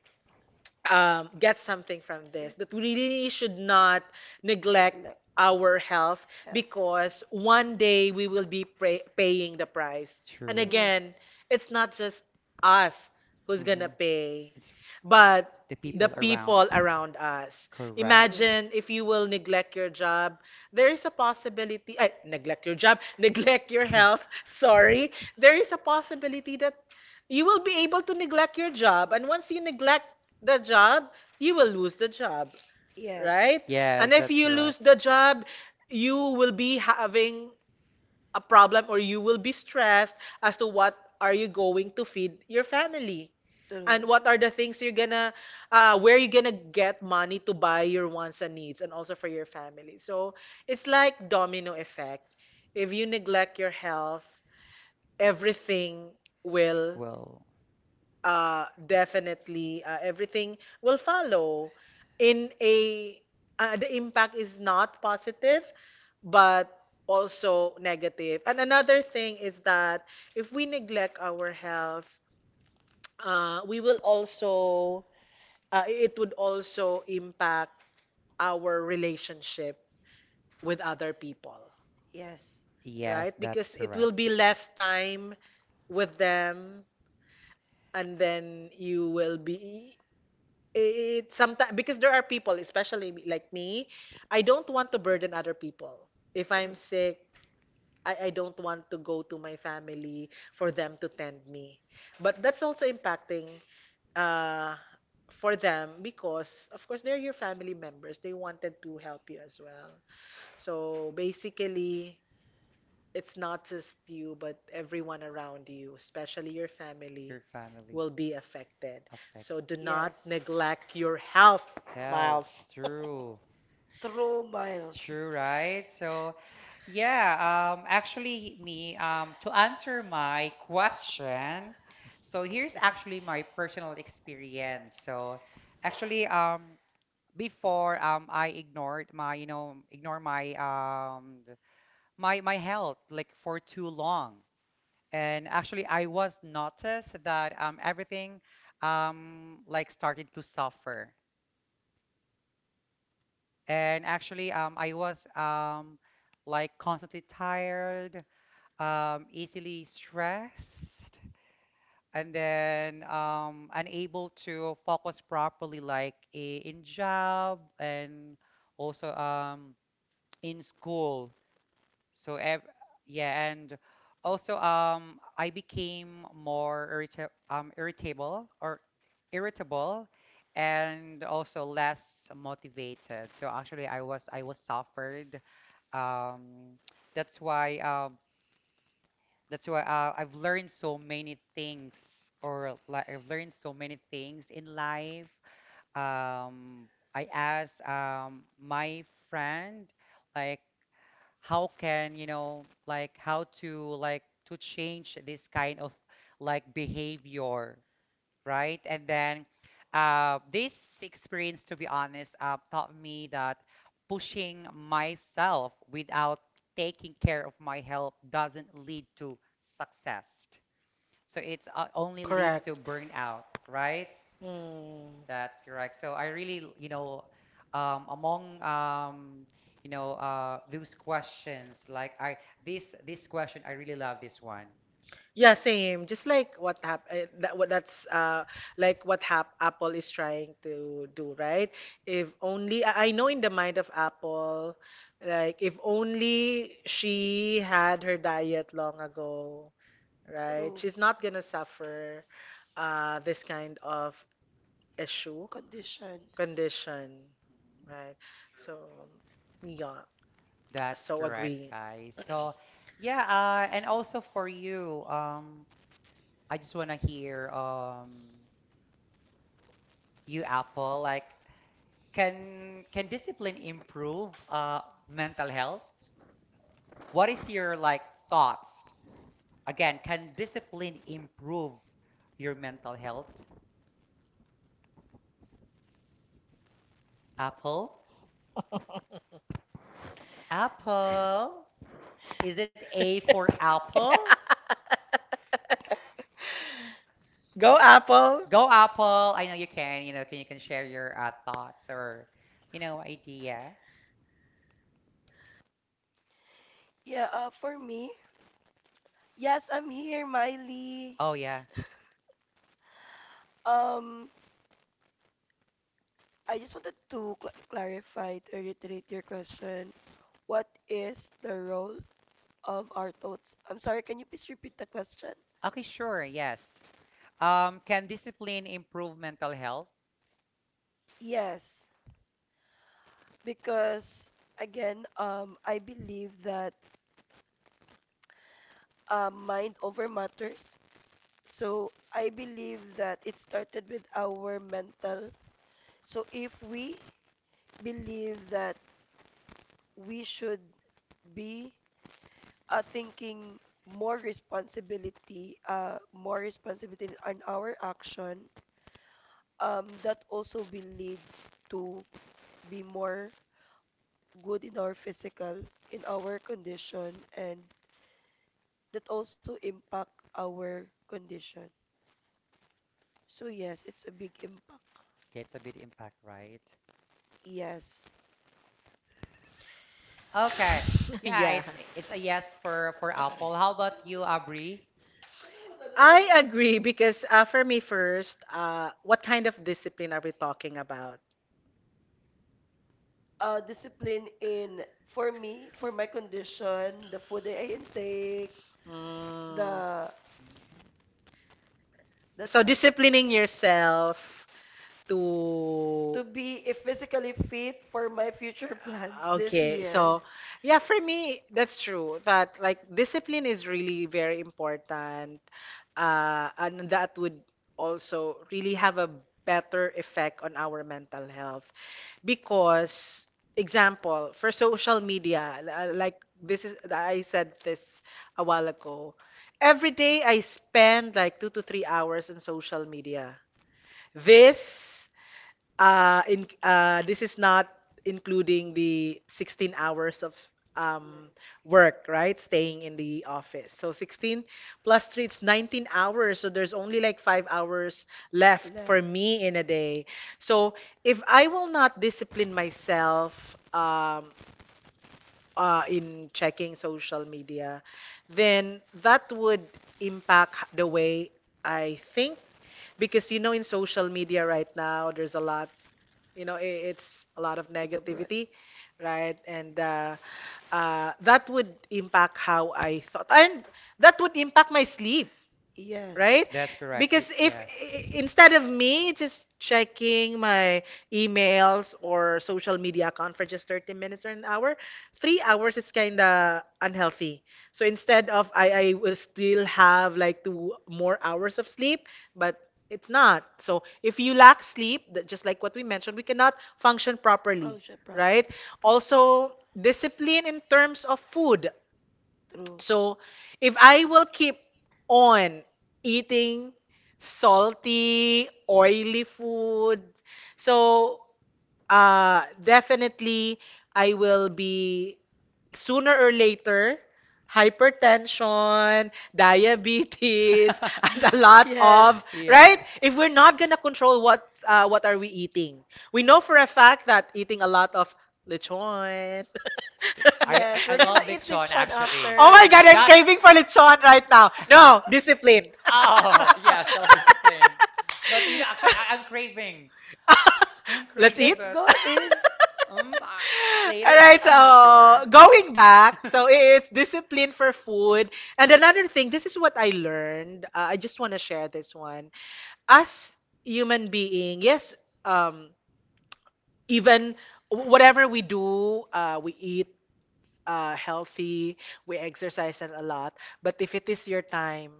Speaker 2: get something from this, that we really should not neglect our health because one day we will be paying the price. And
Speaker 1: True.
Speaker 2: again, it's not just us who's
Speaker 1: Hmm.
Speaker 2: gonna pay
Speaker 1: It's
Speaker 2: but
Speaker 1: the people
Speaker 2: the people
Speaker 1: around.
Speaker 2: around us.
Speaker 1: Correct.
Speaker 2: Imagine if you will neglect your job, there is a possibility, eh, neglect your job, (laughs) neglect your health,
Speaker 1: (laughs)
Speaker 2: sorry. There is a possibility that you will be able to neglect your job, and once you neglect the job, you will lose the job,
Speaker 3: Yes.
Speaker 2: right?
Speaker 1: Yes,
Speaker 2: And if
Speaker 1: that's
Speaker 2: you
Speaker 1: correct.
Speaker 2: lose the job, you will be having a problem, or you will be stressed as to what are you going to feed your family and what are the things you're gonna, where you're gonna get money to buy your wants and needs and also for your family. So it's like domino effect. If you neglect your health, everything will,
Speaker 1: Well,
Speaker 2: uh, definitely, everything will follow in a, the impact is not positive but also negative. And another thing is that if we neglect our health, we will also, it would also impact our relationship with other people,
Speaker 3: Yes.
Speaker 1: yes,
Speaker 2: right?
Speaker 1: that's
Speaker 2: Because it will
Speaker 1: correct.
Speaker 2: be less time with them, and then you will be, it sometimes, because there are people, especially like me, I don't want to burden other people. If I'm sick, I don't want to go to my family for them to tend me. But that's also impacting uh, for them, because, of course, they're your family members. They wanted to help you as well. So basically, it's not just you, but everyone around you, especially your family,
Speaker 1: Your family
Speaker 2: will be affected.
Speaker 1: affects
Speaker 2: So do not
Speaker 3: Yes.
Speaker 2: neglect your health,
Speaker 1: health.
Speaker 2: Miles. (laughs)
Speaker 1: True.
Speaker 3: Miles.
Speaker 1: True, right? So, yeah, actually, me, to answer my question, so here's actually my personal experience. So actually, before, I ignored my, ignore my, my health like for too long. And actually, I was noticed that, everything, like started to suffer. And actually, I was, like constantly tired, easily stressed, and then unable to focus properly, like in job and also, in school. So ev yeah, and also, I became more irritable or irritable and also less motivated. So actually, I was suffered. Um, that's why. I've learned so many things, or like I've learned so many things in life. Um, I asked, my friend, like, how can, like, how to like to change this kind of like behavior, right? And then, this experience, to be honest, taught me that pushing myself without taking care of my health doesn't lead to success. So it's, only leads to
Speaker 2: Correct.
Speaker 1: burnout, right?
Speaker 2: Mm.
Speaker 1: That's correct. So I really, among those questions, like I, this question, I really love this one.
Speaker 2: Yeah, same. Just like what hap eh, that what that's like what hap Apple is trying to do, right? If only I know in the mind of Apple, like if only she had her diet long ago, right? She's not gonna suffer this kind of issue, condition, right? So, yeah,
Speaker 1: That's
Speaker 2: so
Speaker 1: correct,
Speaker 2: agree.
Speaker 1: guys. So, yeah, and also for you, I just want to hear you, Apple, like, can discipline improve mental health? What is your like thoughts? Again, can discipline improve your mental health? Apple?
Speaker 2: (laughs)
Speaker 1: Apple? Is it A for Apple?
Speaker 2: Go, Apple.
Speaker 1: Go, Apple. I know you can, you know, can you can share your thoughts or, you know, ideas?
Speaker 3: Yeah, for me, yes, I'm here, Miley.
Speaker 1: Oh yeah.
Speaker 3: Um, I just wanted to cl clarify to reiterate your question. What is the role of our thoughts? I'm sorry, can you please repeat the question?
Speaker 1: Okay, sure. Yes. Can discipline improve mental health?
Speaker 3: Yes, because again, I believe that mind over matters. So I believe that it started with our mental. So if we believe that we should be thinking more responsibility on our action, that also be leads to be more good in our physical, in our condition, and that also impact our condition. So yes, it's a big impact.
Speaker 1: Okay, it's a big impact, right?
Speaker 3: Yes.
Speaker 1: Okay.
Speaker 2: (laughs)
Speaker 1: Yeah,
Speaker 2: Yeah.
Speaker 1: it's a yes for Apple. How about you, Abri?
Speaker 2: I agree because for me first, what kind of discipline are we talking about?
Speaker 3: Discipline in for me, for my condition, the food that I intake,
Speaker 2: Mm.
Speaker 3: the
Speaker 1: Mhm.
Speaker 3: that's
Speaker 2: So
Speaker 3: all.
Speaker 2: disciplining yourself, to,
Speaker 3: To be physically fit for my future (laughs) plans this
Speaker 2: okay, so
Speaker 3: year.
Speaker 2: yeah, for me, that's true that like discipline is really very important. And that would also really have a better effect on our mental health because, example, for social media, like this is, I said this a while ago, every day I spend like 2 to 3 hours on social media. This, in this is not including the 16 hours of um, work, right? Staying in the office. So 16 plus 3, it's 19 hours. So there's only like 5 hours left for
Speaker 3: Left.
Speaker 2: me in a day. So if I will not discipline myself, in checking social media, then that would impact the way I think, because you know in social media right now there's a lot, you know, it's a lot of
Speaker 3: It's abroad.
Speaker 2: negativity,
Speaker 3: Negative.
Speaker 2: right? And that would impact how I thought, and that would impact my sleep, right?
Speaker 3: Yes.
Speaker 1: That's correct.
Speaker 2: Because if,
Speaker 1: Yes.
Speaker 2: instead of me just checking my emails or social media account for just 30 minutes or an hour, 3 hours is kind of unhealthy. So instead of, I will still have like 2 more hours of sleep, but it's not. So if you lack sleep, just like what we mentioned, we cannot function properly,
Speaker 3: Function
Speaker 2: right?
Speaker 3: properly.
Speaker 2: Also, discipline in terms of food.
Speaker 3: True. (laughs)
Speaker 2: So if I will keep on eating salty, oily food, so definitely, I will be sooner or later hypertension, diabetes, (laughs) and a lot
Speaker 1: (laughs)
Speaker 3: Yes.
Speaker 2: of, right.
Speaker 1: Yes.
Speaker 2: If we're not gonna control what, what are we eating, we know for a fact that eating a lot of lechon. (laughs)
Speaker 1: I I
Speaker 3: Yes.
Speaker 1: I
Speaker 3: We're gonna
Speaker 1: love
Speaker 3: eat
Speaker 1: lechon
Speaker 3: lechon
Speaker 1: actually.
Speaker 2: Oh my
Speaker 3: after.
Speaker 2: god, I'm
Speaker 1: That's
Speaker 2: craving for lechon right now. No,
Speaker 1: (laughs)
Speaker 2: discipline.
Speaker 1: Oh, yeah,
Speaker 3: (laughs)
Speaker 1: self-discipline. But you know, actually, I'm craving. I am
Speaker 2: (laughs) Let's
Speaker 1: craving,
Speaker 2: eat.
Speaker 3: Let's
Speaker 1: but
Speaker 3: go in.
Speaker 1: um, I,
Speaker 2: (laughs)
Speaker 1: later?
Speaker 2: Alright,
Speaker 1: I'm not
Speaker 2: so
Speaker 1: sure. (laughs)
Speaker 2: going back, so it's discipline for food. And another thing, this is what I learned. I just want to share this one. As human being, yes, um, even whatever we do, we eat healthy, we exercise and a lot. But if it is your time,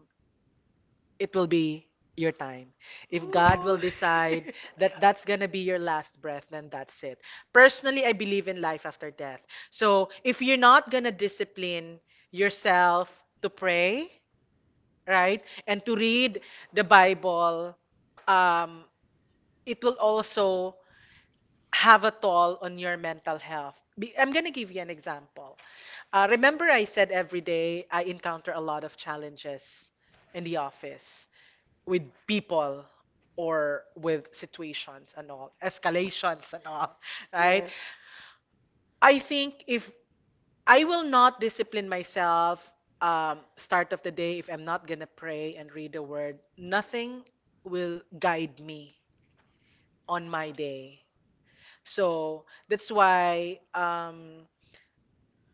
Speaker 2: it will be your time. If God will
Speaker 3: Ooh.
Speaker 2: decide that that's going to be your last breath, then that's it. Personally, I believe in life after death. So if you're not going to discipline yourself to pray, right, and to read the Bible, um, it will also have a toll on your mental health. I'm going to give you an example. Remember, I said every day I encounter a lot of challenges in the office with people or with situations and all, escalations and all, (laughs)
Speaker 3: (laughs)
Speaker 2: right?
Speaker 3: yes.
Speaker 2: I think if I will not discipline myself, start of the day, if I'm not gonna pray and read the word, nothing will guide me on my day. So that's why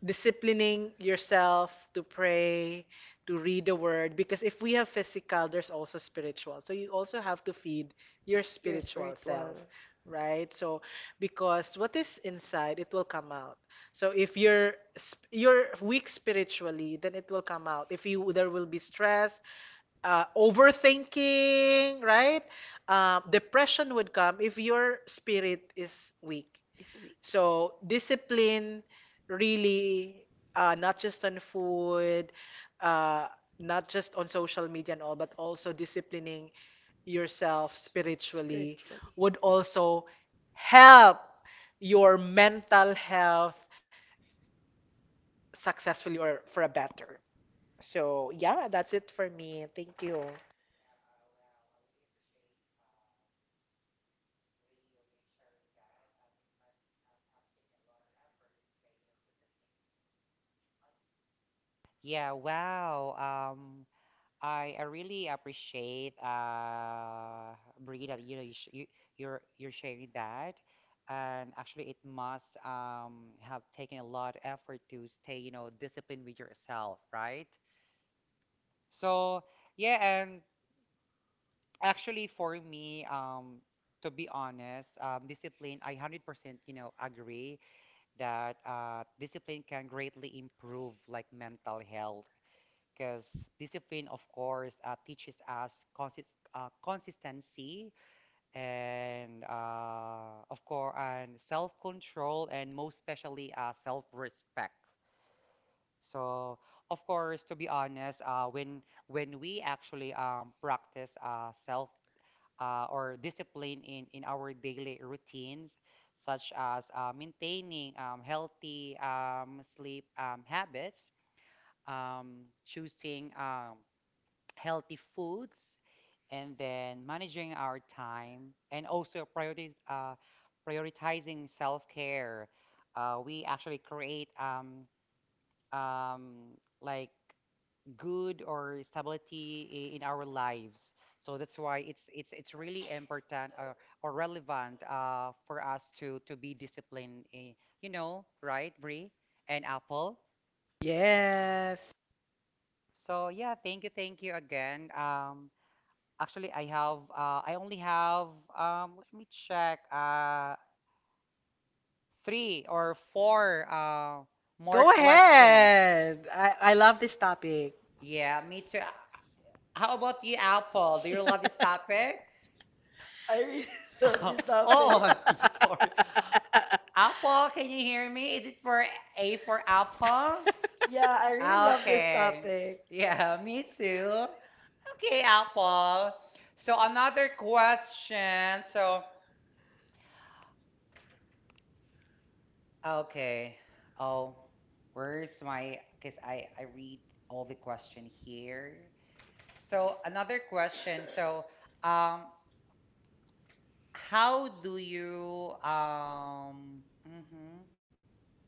Speaker 2: disciplining yourself to pray, to read the word, because if we have physical, there's also spiritual. So you also have to feed your
Speaker 3: You're
Speaker 2: spiritual self,
Speaker 3: spiritual.
Speaker 2: right? So because what is inside, it will come out. So if you're you're weak spiritually, then it will come out. If you, there will be stress, overthinking, right? Depression would come if your spirit is weak.
Speaker 3: Is weak
Speaker 2: So discipline really, not just on food, uh, not just on social media and all, but also disciplining yourself
Speaker 3: s-
Speaker 2: spiritually
Speaker 3: spiritually.
Speaker 2: would also help your mental health successfully or for a better. So yeah, that's it for me. Thank you.
Speaker 1: Yeah, wow. Um, I really appreciate Brie that you know you, sh you you're sharing that, and actually it must have taken a lot of effort to stay you know disciplined with yourself, right? So yeah, and actually for me to be honest, discipline I 100% you know agree that discipline can greatly improve like mental health because discipline of course uh, teaches us consistency and of course and self-control and most especially self-respect so of course to be honest when we actually practice self or discipline in our daily routines, such as maintaining healthy sleep habits, choosing healthy foods, and then managing our time, and also priorities, prioritizing self care. We actually create um, like good or stability in our lives. So that's why it's really important or relevant for us to be disciplined. In, you know, right, Brie and Apple.
Speaker 2: Yes.
Speaker 1: So yeah, thank you again. Actually, I only have let me check three or four more
Speaker 2: Go
Speaker 1: questions.
Speaker 2: ahead. I love this topic.
Speaker 1: Yeah, me too. How about you, Apple? Do you love this topic?
Speaker 2: (laughs)
Speaker 3: I really (laughs) love this
Speaker 1: (laughs)
Speaker 2: (laughs)
Speaker 1: Oh,
Speaker 3: topic.
Speaker 1: I'm (laughs) sorry. Apple, can you hear me? Is it for A for Apple?
Speaker 3: Yeah, I really love this
Speaker 1: Okay.
Speaker 3: topic.
Speaker 1: Yeah, me too. Okay, Apple. So another question. So, okay. Oh, where's my, because I read all the question here. So another question. So, um, how do you mhm,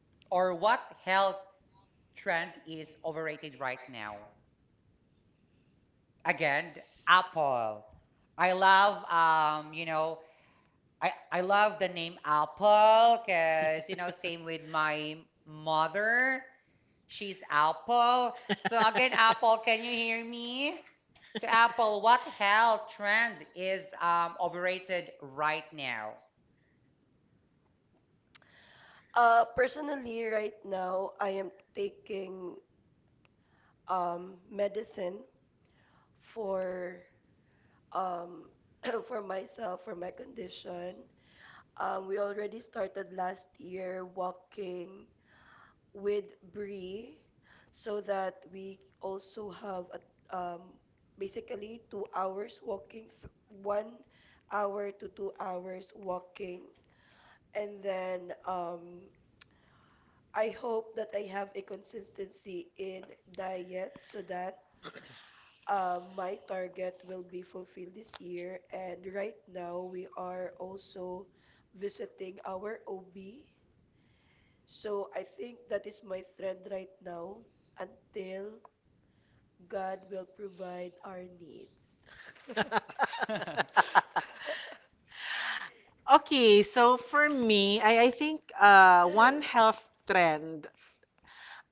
Speaker 1: or what health trend is overrated right now. Again, Apple. I love you know, I love the name Apple because you know, same with my mother. She's Apple. So again, Apple, can you hear me? So Apple, what hell trend is overrated right now?
Speaker 3: Personally, right now, I am taking medicine for um (clears throat) for myself for my condition. We already started last year walking with Brie so that we also have a, um, basically 2 hours walking, th 1 hour to 2 hours walking. And then I hope that I have a consistency in diet so that my target will be fulfilled this year. And right now we are also visiting our OB. So I think that is my trend right now until God will provide our needs.
Speaker 1: (laughs)
Speaker 2: Okay, so for me, I think one health trend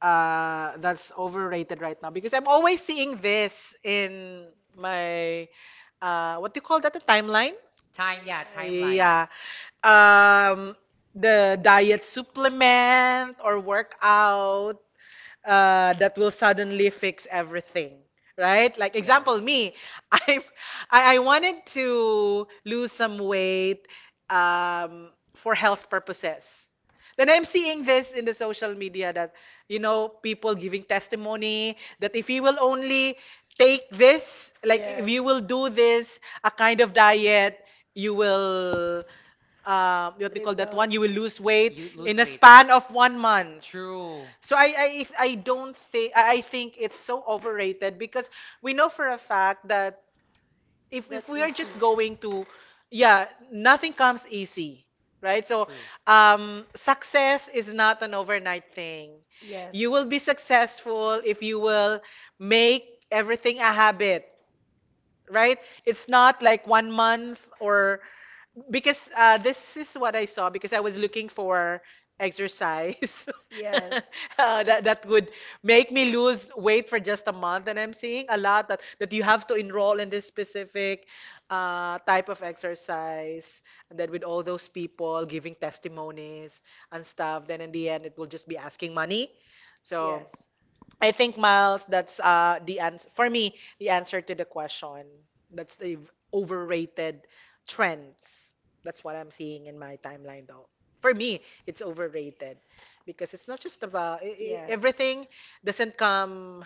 Speaker 2: that's overrated right now, because I'm always seeing this in my, what do you call that? The,
Speaker 1: Time, yeah,
Speaker 2: timeline.
Speaker 1: timeline.
Speaker 2: Yeah. Um, the diet supplement or workout that will suddenly fix everything, right? Like
Speaker 1: Yes.
Speaker 2: example, me, (laughs) I I wanted to lose some weight um, for health purposes. Then I'm seeing this in the social media that, you know, people giving testimony that if you will only take this,
Speaker 3: (laughs)
Speaker 2: like if
Speaker 3: Yes.
Speaker 2: you will do this a kind of diet, you will, what do you call
Speaker 3: Trim
Speaker 2: that
Speaker 3: down.
Speaker 2: one? You will lose weight
Speaker 1: You
Speaker 2: in
Speaker 1: lose
Speaker 3: Lose.
Speaker 2: a
Speaker 1: weight.
Speaker 2: span of 1 month.
Speaker 1: True.
Speaker 2: So, I don't think, I think it's so overrated because we know for a fact that
Speaker 3: It's
Speaker 2: if
Speaker 3: not
Speaker 2: if we are just
Speaker 3: easy.
Speaker 2: going to, yeah, nothing comes easy, right? So
Speaker 1: True.
Speaker 2: success is not an overnight thing. You
Speaker 3: Yes.
Speaker 2: will be successful if you will make everything a habit, right? It's not like 1 month or because this is what I saw because I was looking for exercise
Speaker 3: Yes.
Speaker 2: (laughs) that would make me lose weight for just a month, and I'm seeing a lot that you have to enroll in this specific type of exercise, and then with all those people giving testimonies and stuff, then in the end it will just be asking money. So
Speaker 3: Yes.
Speaker 2: I think Miles, that's the answer for me, the answer to the question. That's the overrated trends. That's what I'm seeing in my timeline though. For me, it's overrated because it's not just about I
Speaker 3: Yes.
Speaker 2: everything doesn't come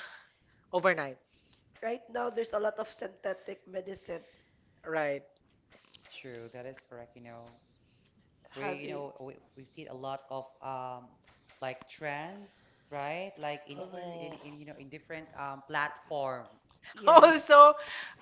Speaker 2: overnight,
Speaker 3: Right now, there's a lot of synthetic medicine
Speaker 2: right?
Speaker 1: True, that is correct. You
Speaker 3: having.
Speaker 1: know we, we've seen a lot of like trend, right? Like
Speaker 2: Mm-mm.
Speaker 3: Overrated.
Speaker 1: in you know in
Speaker 2: (laughs)
Speaker 1: different platform.
Speaker 3: Yes.
Speaker 2: Also,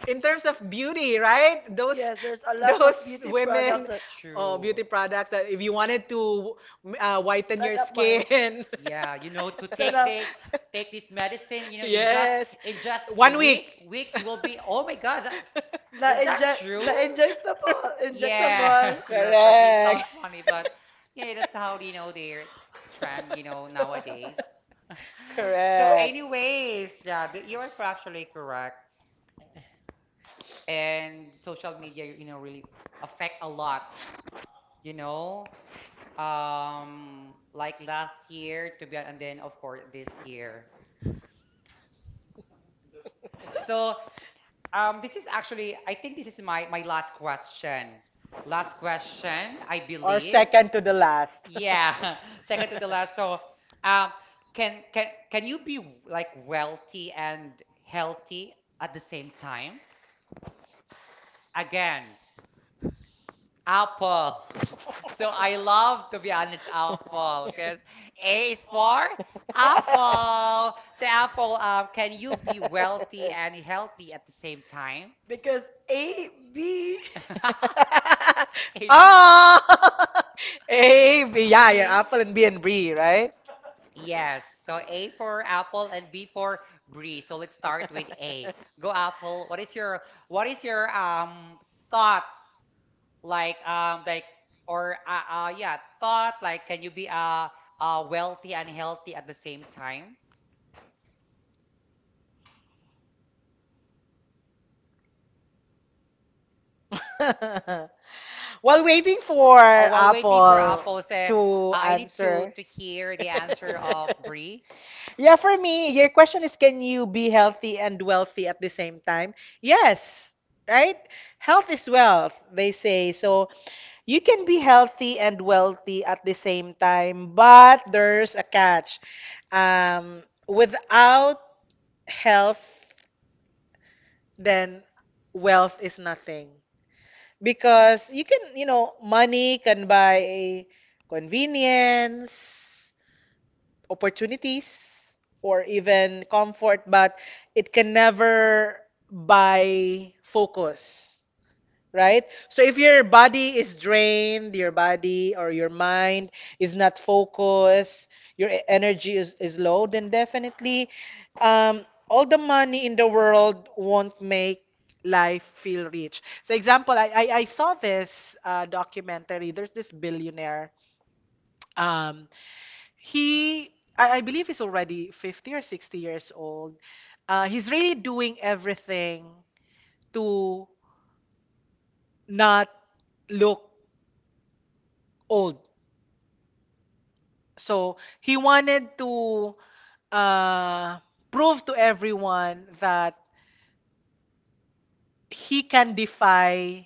Speaker 2: in terms of beauty, right? Those
Speaker 3: Yes, there's a lot of
Speaker 2: those
Speaker 3: beauty products
Speaker 2: women
Speaker 3: that
Speaker 2: oh, beauty
Speaker 1: True.
Speaker 2: products that if you wanted to whiten
Speaker 3: stand
Speaker 2: your
Speaker 3: up, Miles.
Speaker 2: skin.
Speaker 1: Yeah, you
Speaker 2: (laughs)
Speaker 1: know, to take
Speaker 3: Stand up.
Speaker 1: the take this medicine, you know,
Speaker 2: Yes.
Speaker 1: in just a
Speaker 2: 1 week.
Speaker 1: week, week you will be, oh my God, that is
Speaker 3: The
Speaker 1: that
Speaker 3: inject, the
Speaker 1: true?
Speaker 3: injectable, injectable.
Speaker 1: Yes, (laughs)
Speaker 2: (laughs)
Speaker 1: you're correct. It
Speaker 2: Correct.
Speaker 1: sounds funny, but yeah, that's how you know they're trend, you know, nowadays.
Speaker 3: (laughs)
Speaker 2: (laughs)
Speaker 1: (laughs) So,
Speaker 2: Correct.
Speaker 1: anyways, yeah, you are actually correct. And social media, you know, really affect a lot, you know. Like last year to be, and then of course this year. So, this is actually, I think this is my last question. Last question, I
Speaker 2: Or
Speaker 1: believe.
Speaker 2: second to the last. (laughs)
Speaker 1: Yeah, (laughs) second to the last. So, um, can you be like wealthy and healthy at the same time? Again, apple. (laughs)
Speaker 2: so,
Speaker 1: So I love to be honest, apple, because A is for apple. So apple, can you be wealthy and healthy at the same time?
Speaker 3: Because A, B.
Speaker 2: the
Speaker 1: (laughs) A,
Speaker 2: oh, (laughs) A, B, yeah, your
Speaker 1: B.
Speaker 2: apple and B, right?
Speaker 1: Yes. So A for apple and B for Bree. So let's
Speaker 2: (laughs)
Speaker 1: start with A. Go Apple. What is your thoughts like or yeah, thought like can you be wealthy and healthy at the same time?
Speaker 2: uh, (laughs) While waiting for
Speaker 1: Oh, while waiting for
Speaker 2: Apple
Speaker 1: Apple, say
Speaker 2: to
Speaker 1: I need to
Speaker 2: answer.
Speaker 1: hear the
Speaker 2: (laughs)
Speaker 1: answer of Bree.
Speaker 2: Yeah, for me, your question is can you be healthy and wealthy at the same time? Yes, right? Health is wealth, they say. So you can be healthy and wealthy at the same time, but there's a catch. Without health, then wealth is nothing. Because you can, you know, money can buy convenience, opportunities, or even comfort, but it can never buy focus, right? So if your body is drained, your body or your mind is not focused, your energy is low, then definitely all the money in the world won't make life feel rich. So example, I saw this documentary. There's this billionaire. Um, he, I believe he's already 50 or 60 years old. He's really doing everything to not look old. So he wanted to uh, prove to everyone that he can defy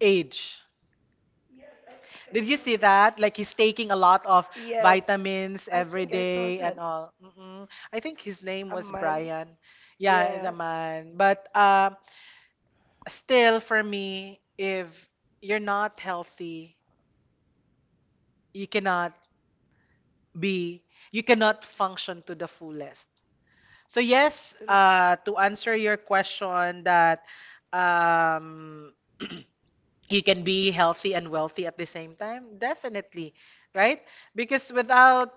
Speaker 2: age. Did you see that? Like he's taking a lot of
Speaker 3: Yes,
Speaker 2: vitamins
Speaker 3: I
Speaker 2: every
Speaker 3: think I saw
Speaker 2: day
Speaker 3: that.
Speaker 2: and all. Mm-mm. I think his name
Speaker 3: A
Speaker 2: was
Speaker 3: man.
Speaker 2: Brian. Yeah, he's a
Speaker 3: Yes.
Speaker 2: man. But still, for me, if you're not healthy, you cannot be, you cannot function to the fullest. So yes,
Speaker 3: True.
Speaker 2: to answer your question that um, you can be healthy and wealthy at the same time, definitely, right? Because without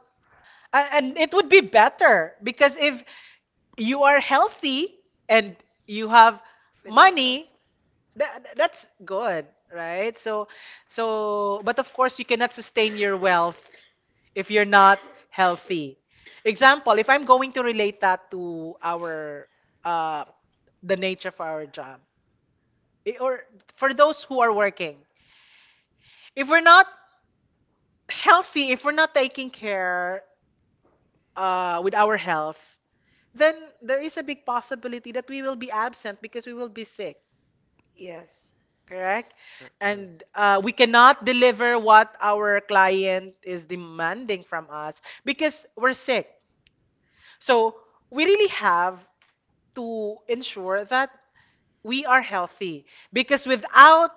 Speaker 2: a- and it would be better because if you are healthy and you have
Speaker 3: Financial,
Speaker 2: money,
Speaker 3: st-
Speaker 2: that's good, right? So but of course you cannot sustain your wealth if you're not healthy. Example, if I'm going to relate that to our uh the nature of our job, or for those who are working. If we're not healthy, if we're not taking care with our health, then there is a big possibility that we will be absent because we will be sick.
Speaker 3: yes.
Speaker 2: Correct?
Speaker 1: True, true.
Speaker 2: And we cannot deliver what our client is demanding from us because we're sick. So we really have to ensure that we are healthy because without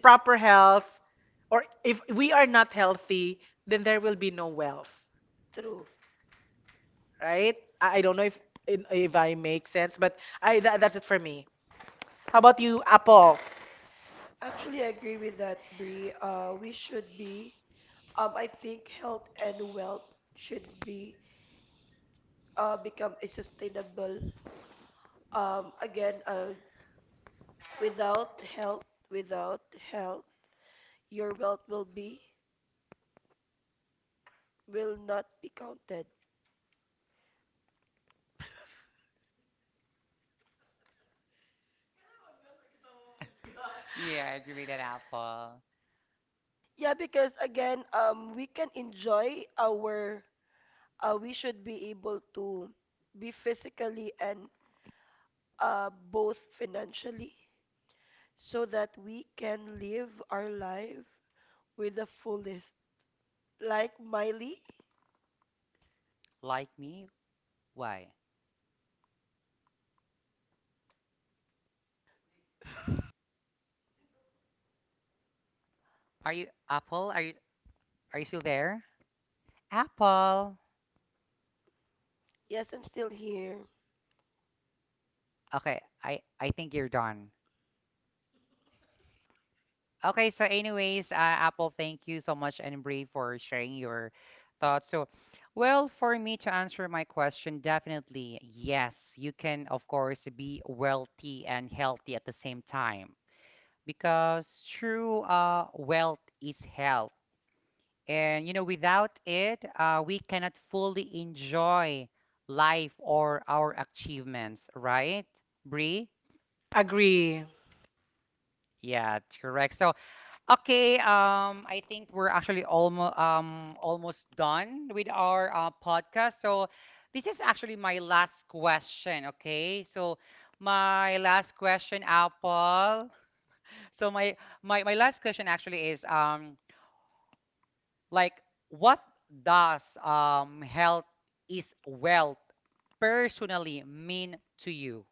Speaker 2: proper health, or if we are not healthy, then there will be no wealth,
Speaker 3: true.
Speaker 2: right? I don't know if I make sense, but that's it for me. How about you, Apple?
Speaker 3: Actually, I agree with that, Bree. I think health and wealth should be, become a sustainable. Again, without health, without health, your wealth will be, will not be counted.
Speaker 1: Yeah, I agree with that Apple.
Speaker 3: Yeah, because again, we can enjoy our, we should be able to be physically and both financially so that we can live our life with the fullest. Like Miley,
Speaker 1: Like me? Why? Are you Apple? Are you still there? Apple.
Speaker 3: yes, I'm still here.
Speaker 1: Okay, I think you're done. Okay, so anyways, Apple, thank you so much and Brie for sharing your thoughts. So, well, for me to answer my question, definitely yes, you can of course be wealthy and healthy at the same time because true wealth is health, and you know without it, we cannot fully enjoy life or our achievements, right, Brie?
Speaker 2: Agree.
Speaker 1: Yeah, correct. So. Okay, I think we're actually almost almost done with our podcast. So this is actually my last question. Okay, so my last question, Apple. (laughs) So my last question actually is like what does health is wealth personally mean to you?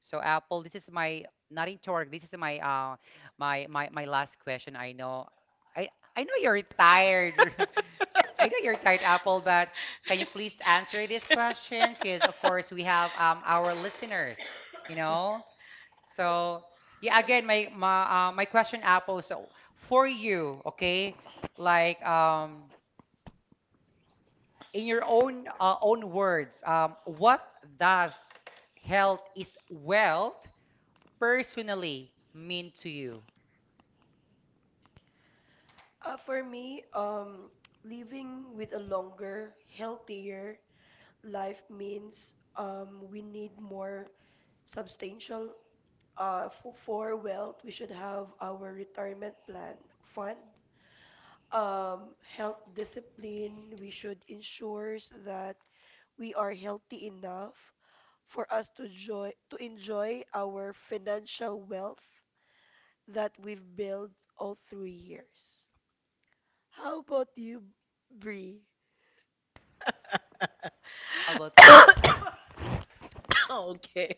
Speaker 1: So Apple, this is my not into work. This is my my last question. I know I I know you're
Speaker 2: (coughs)
Speaker 1: tired. (laughs) I know you're tired, Apple, but can you please answer this question? Because of course we have our listeners, you know. So yeah, again, my question, Apple. So for you, okay, like in your own own words, what does health is wealth personally mean to you?
Speaker 3: For me, living with a longer, healthier life means we need more substantial for wealth. We should have our retirement plan fund, health discipline. We should ensure that we are healthy enough for us to joy to enjoy our financial wealth that we've built all 3 years. How about you, Bree?
Speaker 1: How about you, Brie?
Speaker 2: Okay.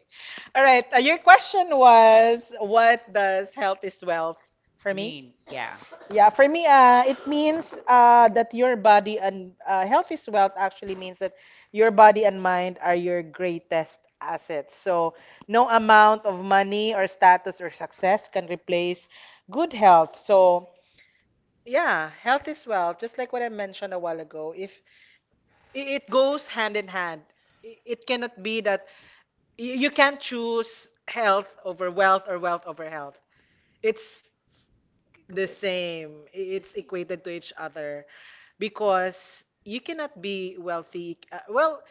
Speaker 2: All right. Your question was what does health is wealth for me?
Speaker 1: Mean, yeah.
Speaker 2: Yeah, for me, it means that your body and health is wealth actually means that your body and mind are your greatest assets. So, no amount of money or status or success can replace good health. So, yeah, health is wealth, just like what I mentioned a while ago. If I- it goes hand in hand. It cannot be that you can't choose health over wealth or wealth over health. It's the
Speaker 3: Kikabenish.
Speaker 2: same. I-
Speaker 3: The
Speaker 2: It's
Speaker 3: same.
Speaker 2: equated to each other because you cannot be wealthy.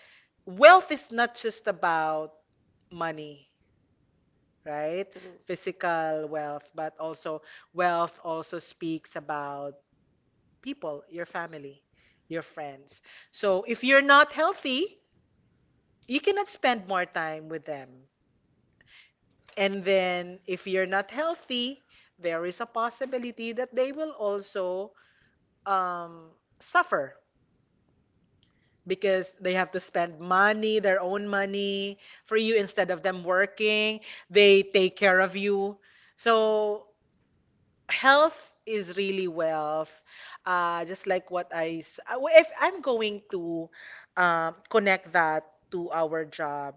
Speaker 2: Wealth is not just about money, right?
Speaker 3: True.
Speaker 2: Physical wealth, but also wealth also speaks about people, your family, your friends. So if you're not healthy, you cannot spend more time with them. And then if you're not healthy, there is a possibility that they will also um, suffer because they have to spend money, their own money for you instead of them working. They take care of you. So health is really wealth. Just like what I, s- If I'm going to connect that to our job.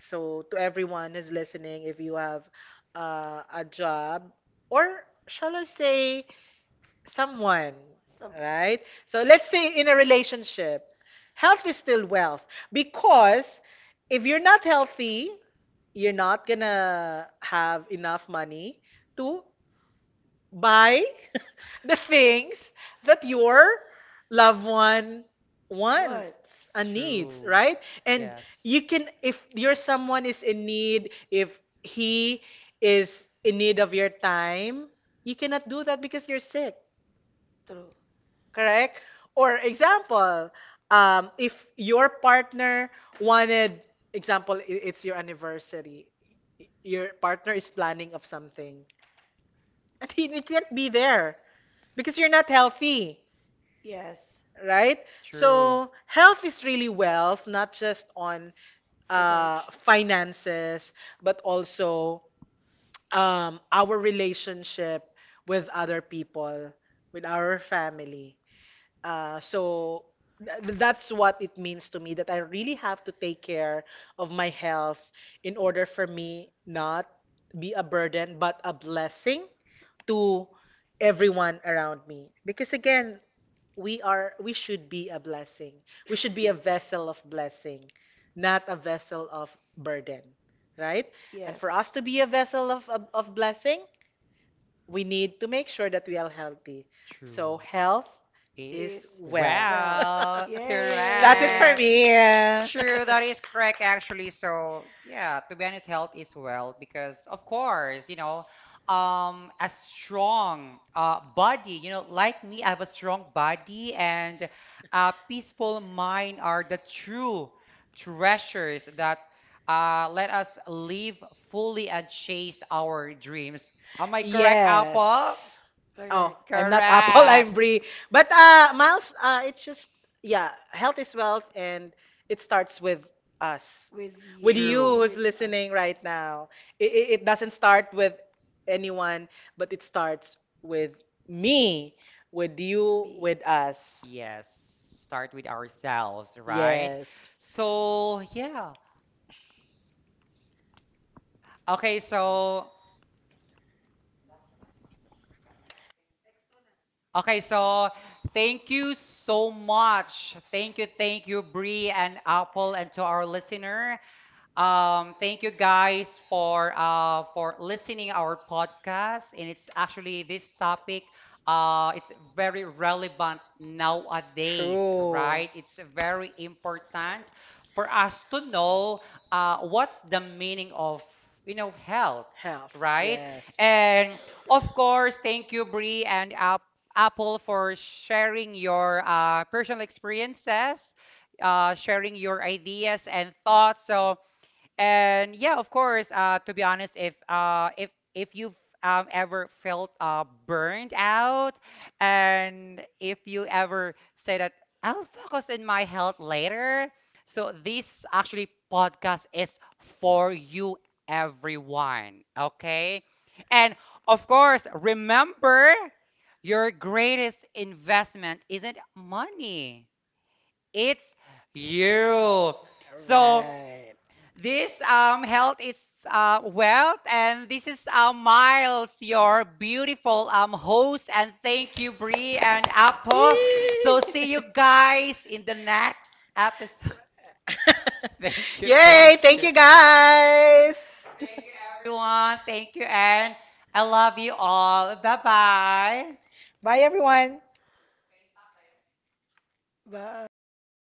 Speaker 2: So to everyone who's listening, if you have a job, or shall I say, someone,
Speaker 3: Some
Speaker 2: right? So let's say in a relationship, health is still wealth because if you're not healthy, you're not gonna have enough money to buy (laughs) the things that your loved one wants
Speaker 3: what?
Speaker 2: and needs,
Speaker 1: True.
Speaker 2: right? And
Speaker 1: Yes.
Speaker 2: you can, if your someone is in need, if he is in need of your time, you cannot do that because you're sick.
Speaker 3: True.
Speaker 2: Correct? Or example, if your partner wanted, example, it's your anniversary. Your partner is planning of something, and he can't be there because you're not healthy,
Speaker 3: Yes.
Speaker 2: right?
Speaker 1: True.
Speaker 2: So health is really wealth, not just on
Speaker 3: Financial.
Speaker 2: finances, but also our relationship with other people, with our family. Uh, so that's what it means to me, that I really have to take care of my health in order for me not be a burden but a blessing to everyone around me. Because again, we should be a blessing. We should be a vessel of blessing, not a vessel of burden, right? And for
Speaker 3: Yes.
Speaker 2: us to be a vessel of blessing, we need to make sure that we are healthy.
Speaker 1: True.
Speaker 2: So health
Speaker 1: Is
Speaker 2: is
Speaker 3: Is
Speaker 2: wealth.
Speaker 3: well.
Speaker 1: well
Speaker 2: (laughs) That's it
Speaker 3: Yay!
Speaker 2: for
Speaker 1: correct.
Speaker 2: me. (laughs)
Speaker 1: True, that is correct actually. So yeah, to be honest, health is wealth because of course, you know, a strong body, you know, like me, I have a strong body and a peaceful mind are the true treasures that let us live fully and chase our dreams. Am I correct,
Speaker 2: Yes.
Speaker 1: Apple?
Speaker 2: Oh,
Speaker 3: Correct.
Speaker 2: I'm not (laughs) Apple,
Speaker 1: Correct.
Speaker 2: I'm Brie. But Miles, it's just yeah, health is wealth and it starts with us.
Speaker 3: With you,
Speaker 2: With
Speaker 3: with you,
Speaker 2: you
Speaker 1: True.
Speaker 2: who's
Speaker 3: with
Speaker 2: listening
Speaker 3: us.
Speaker 2: right now. It doesn't start with anyone, but it starts with me, with you,
Speaker 3: Me.
Speaker 2: with us.
Speaker 1: Yes, start with ourselves, right?
Speaker 2: Yes.
Speaker 1: So, yeah. Okay, so okay, so thank you so much. Thank you, Bree and Apple, and to our listener. Thank you guys for listening our podcast. And it's actually this topic. It's very relevant nowadays,
Speaker 2: True.
Speaker 1: right? It's very important for us to know what's the meaning of you know health,
Speaker 2: Health,
Speaker 1: right?
Speaker 2: yes.
Speaker 1: And of course, thank you, Bree and Apple, for sharing your personal experiences, sharing your ideas and thoughts. So and yeah, of course, to be honest, if you've ever felt burned out, and if you ever say that I'll focus on my health later, so this actually podcast is for you, everyone. Okay, and of course, remember your greatest investment isn't money; it's you. So.
Speaker 2: Right.
Speaker 1: This health is wealth, and this is Miles, your beautiful host. And thank you, Bree and Apple. So, see you
Speaker 2: Yay!
Speaker 1: guys in the next episode. (laughs)
Speaker 2: (laughs)
Speaker 1: Thank
Speaker 2: Yay. Thank
Speaker 1: you,
Speaker 2: you guys.
Speaker 1: everyone. Thank you, and I love you all. Bye bye.
Speaker 2: Bye, everyone.
Speaker 3: Bye.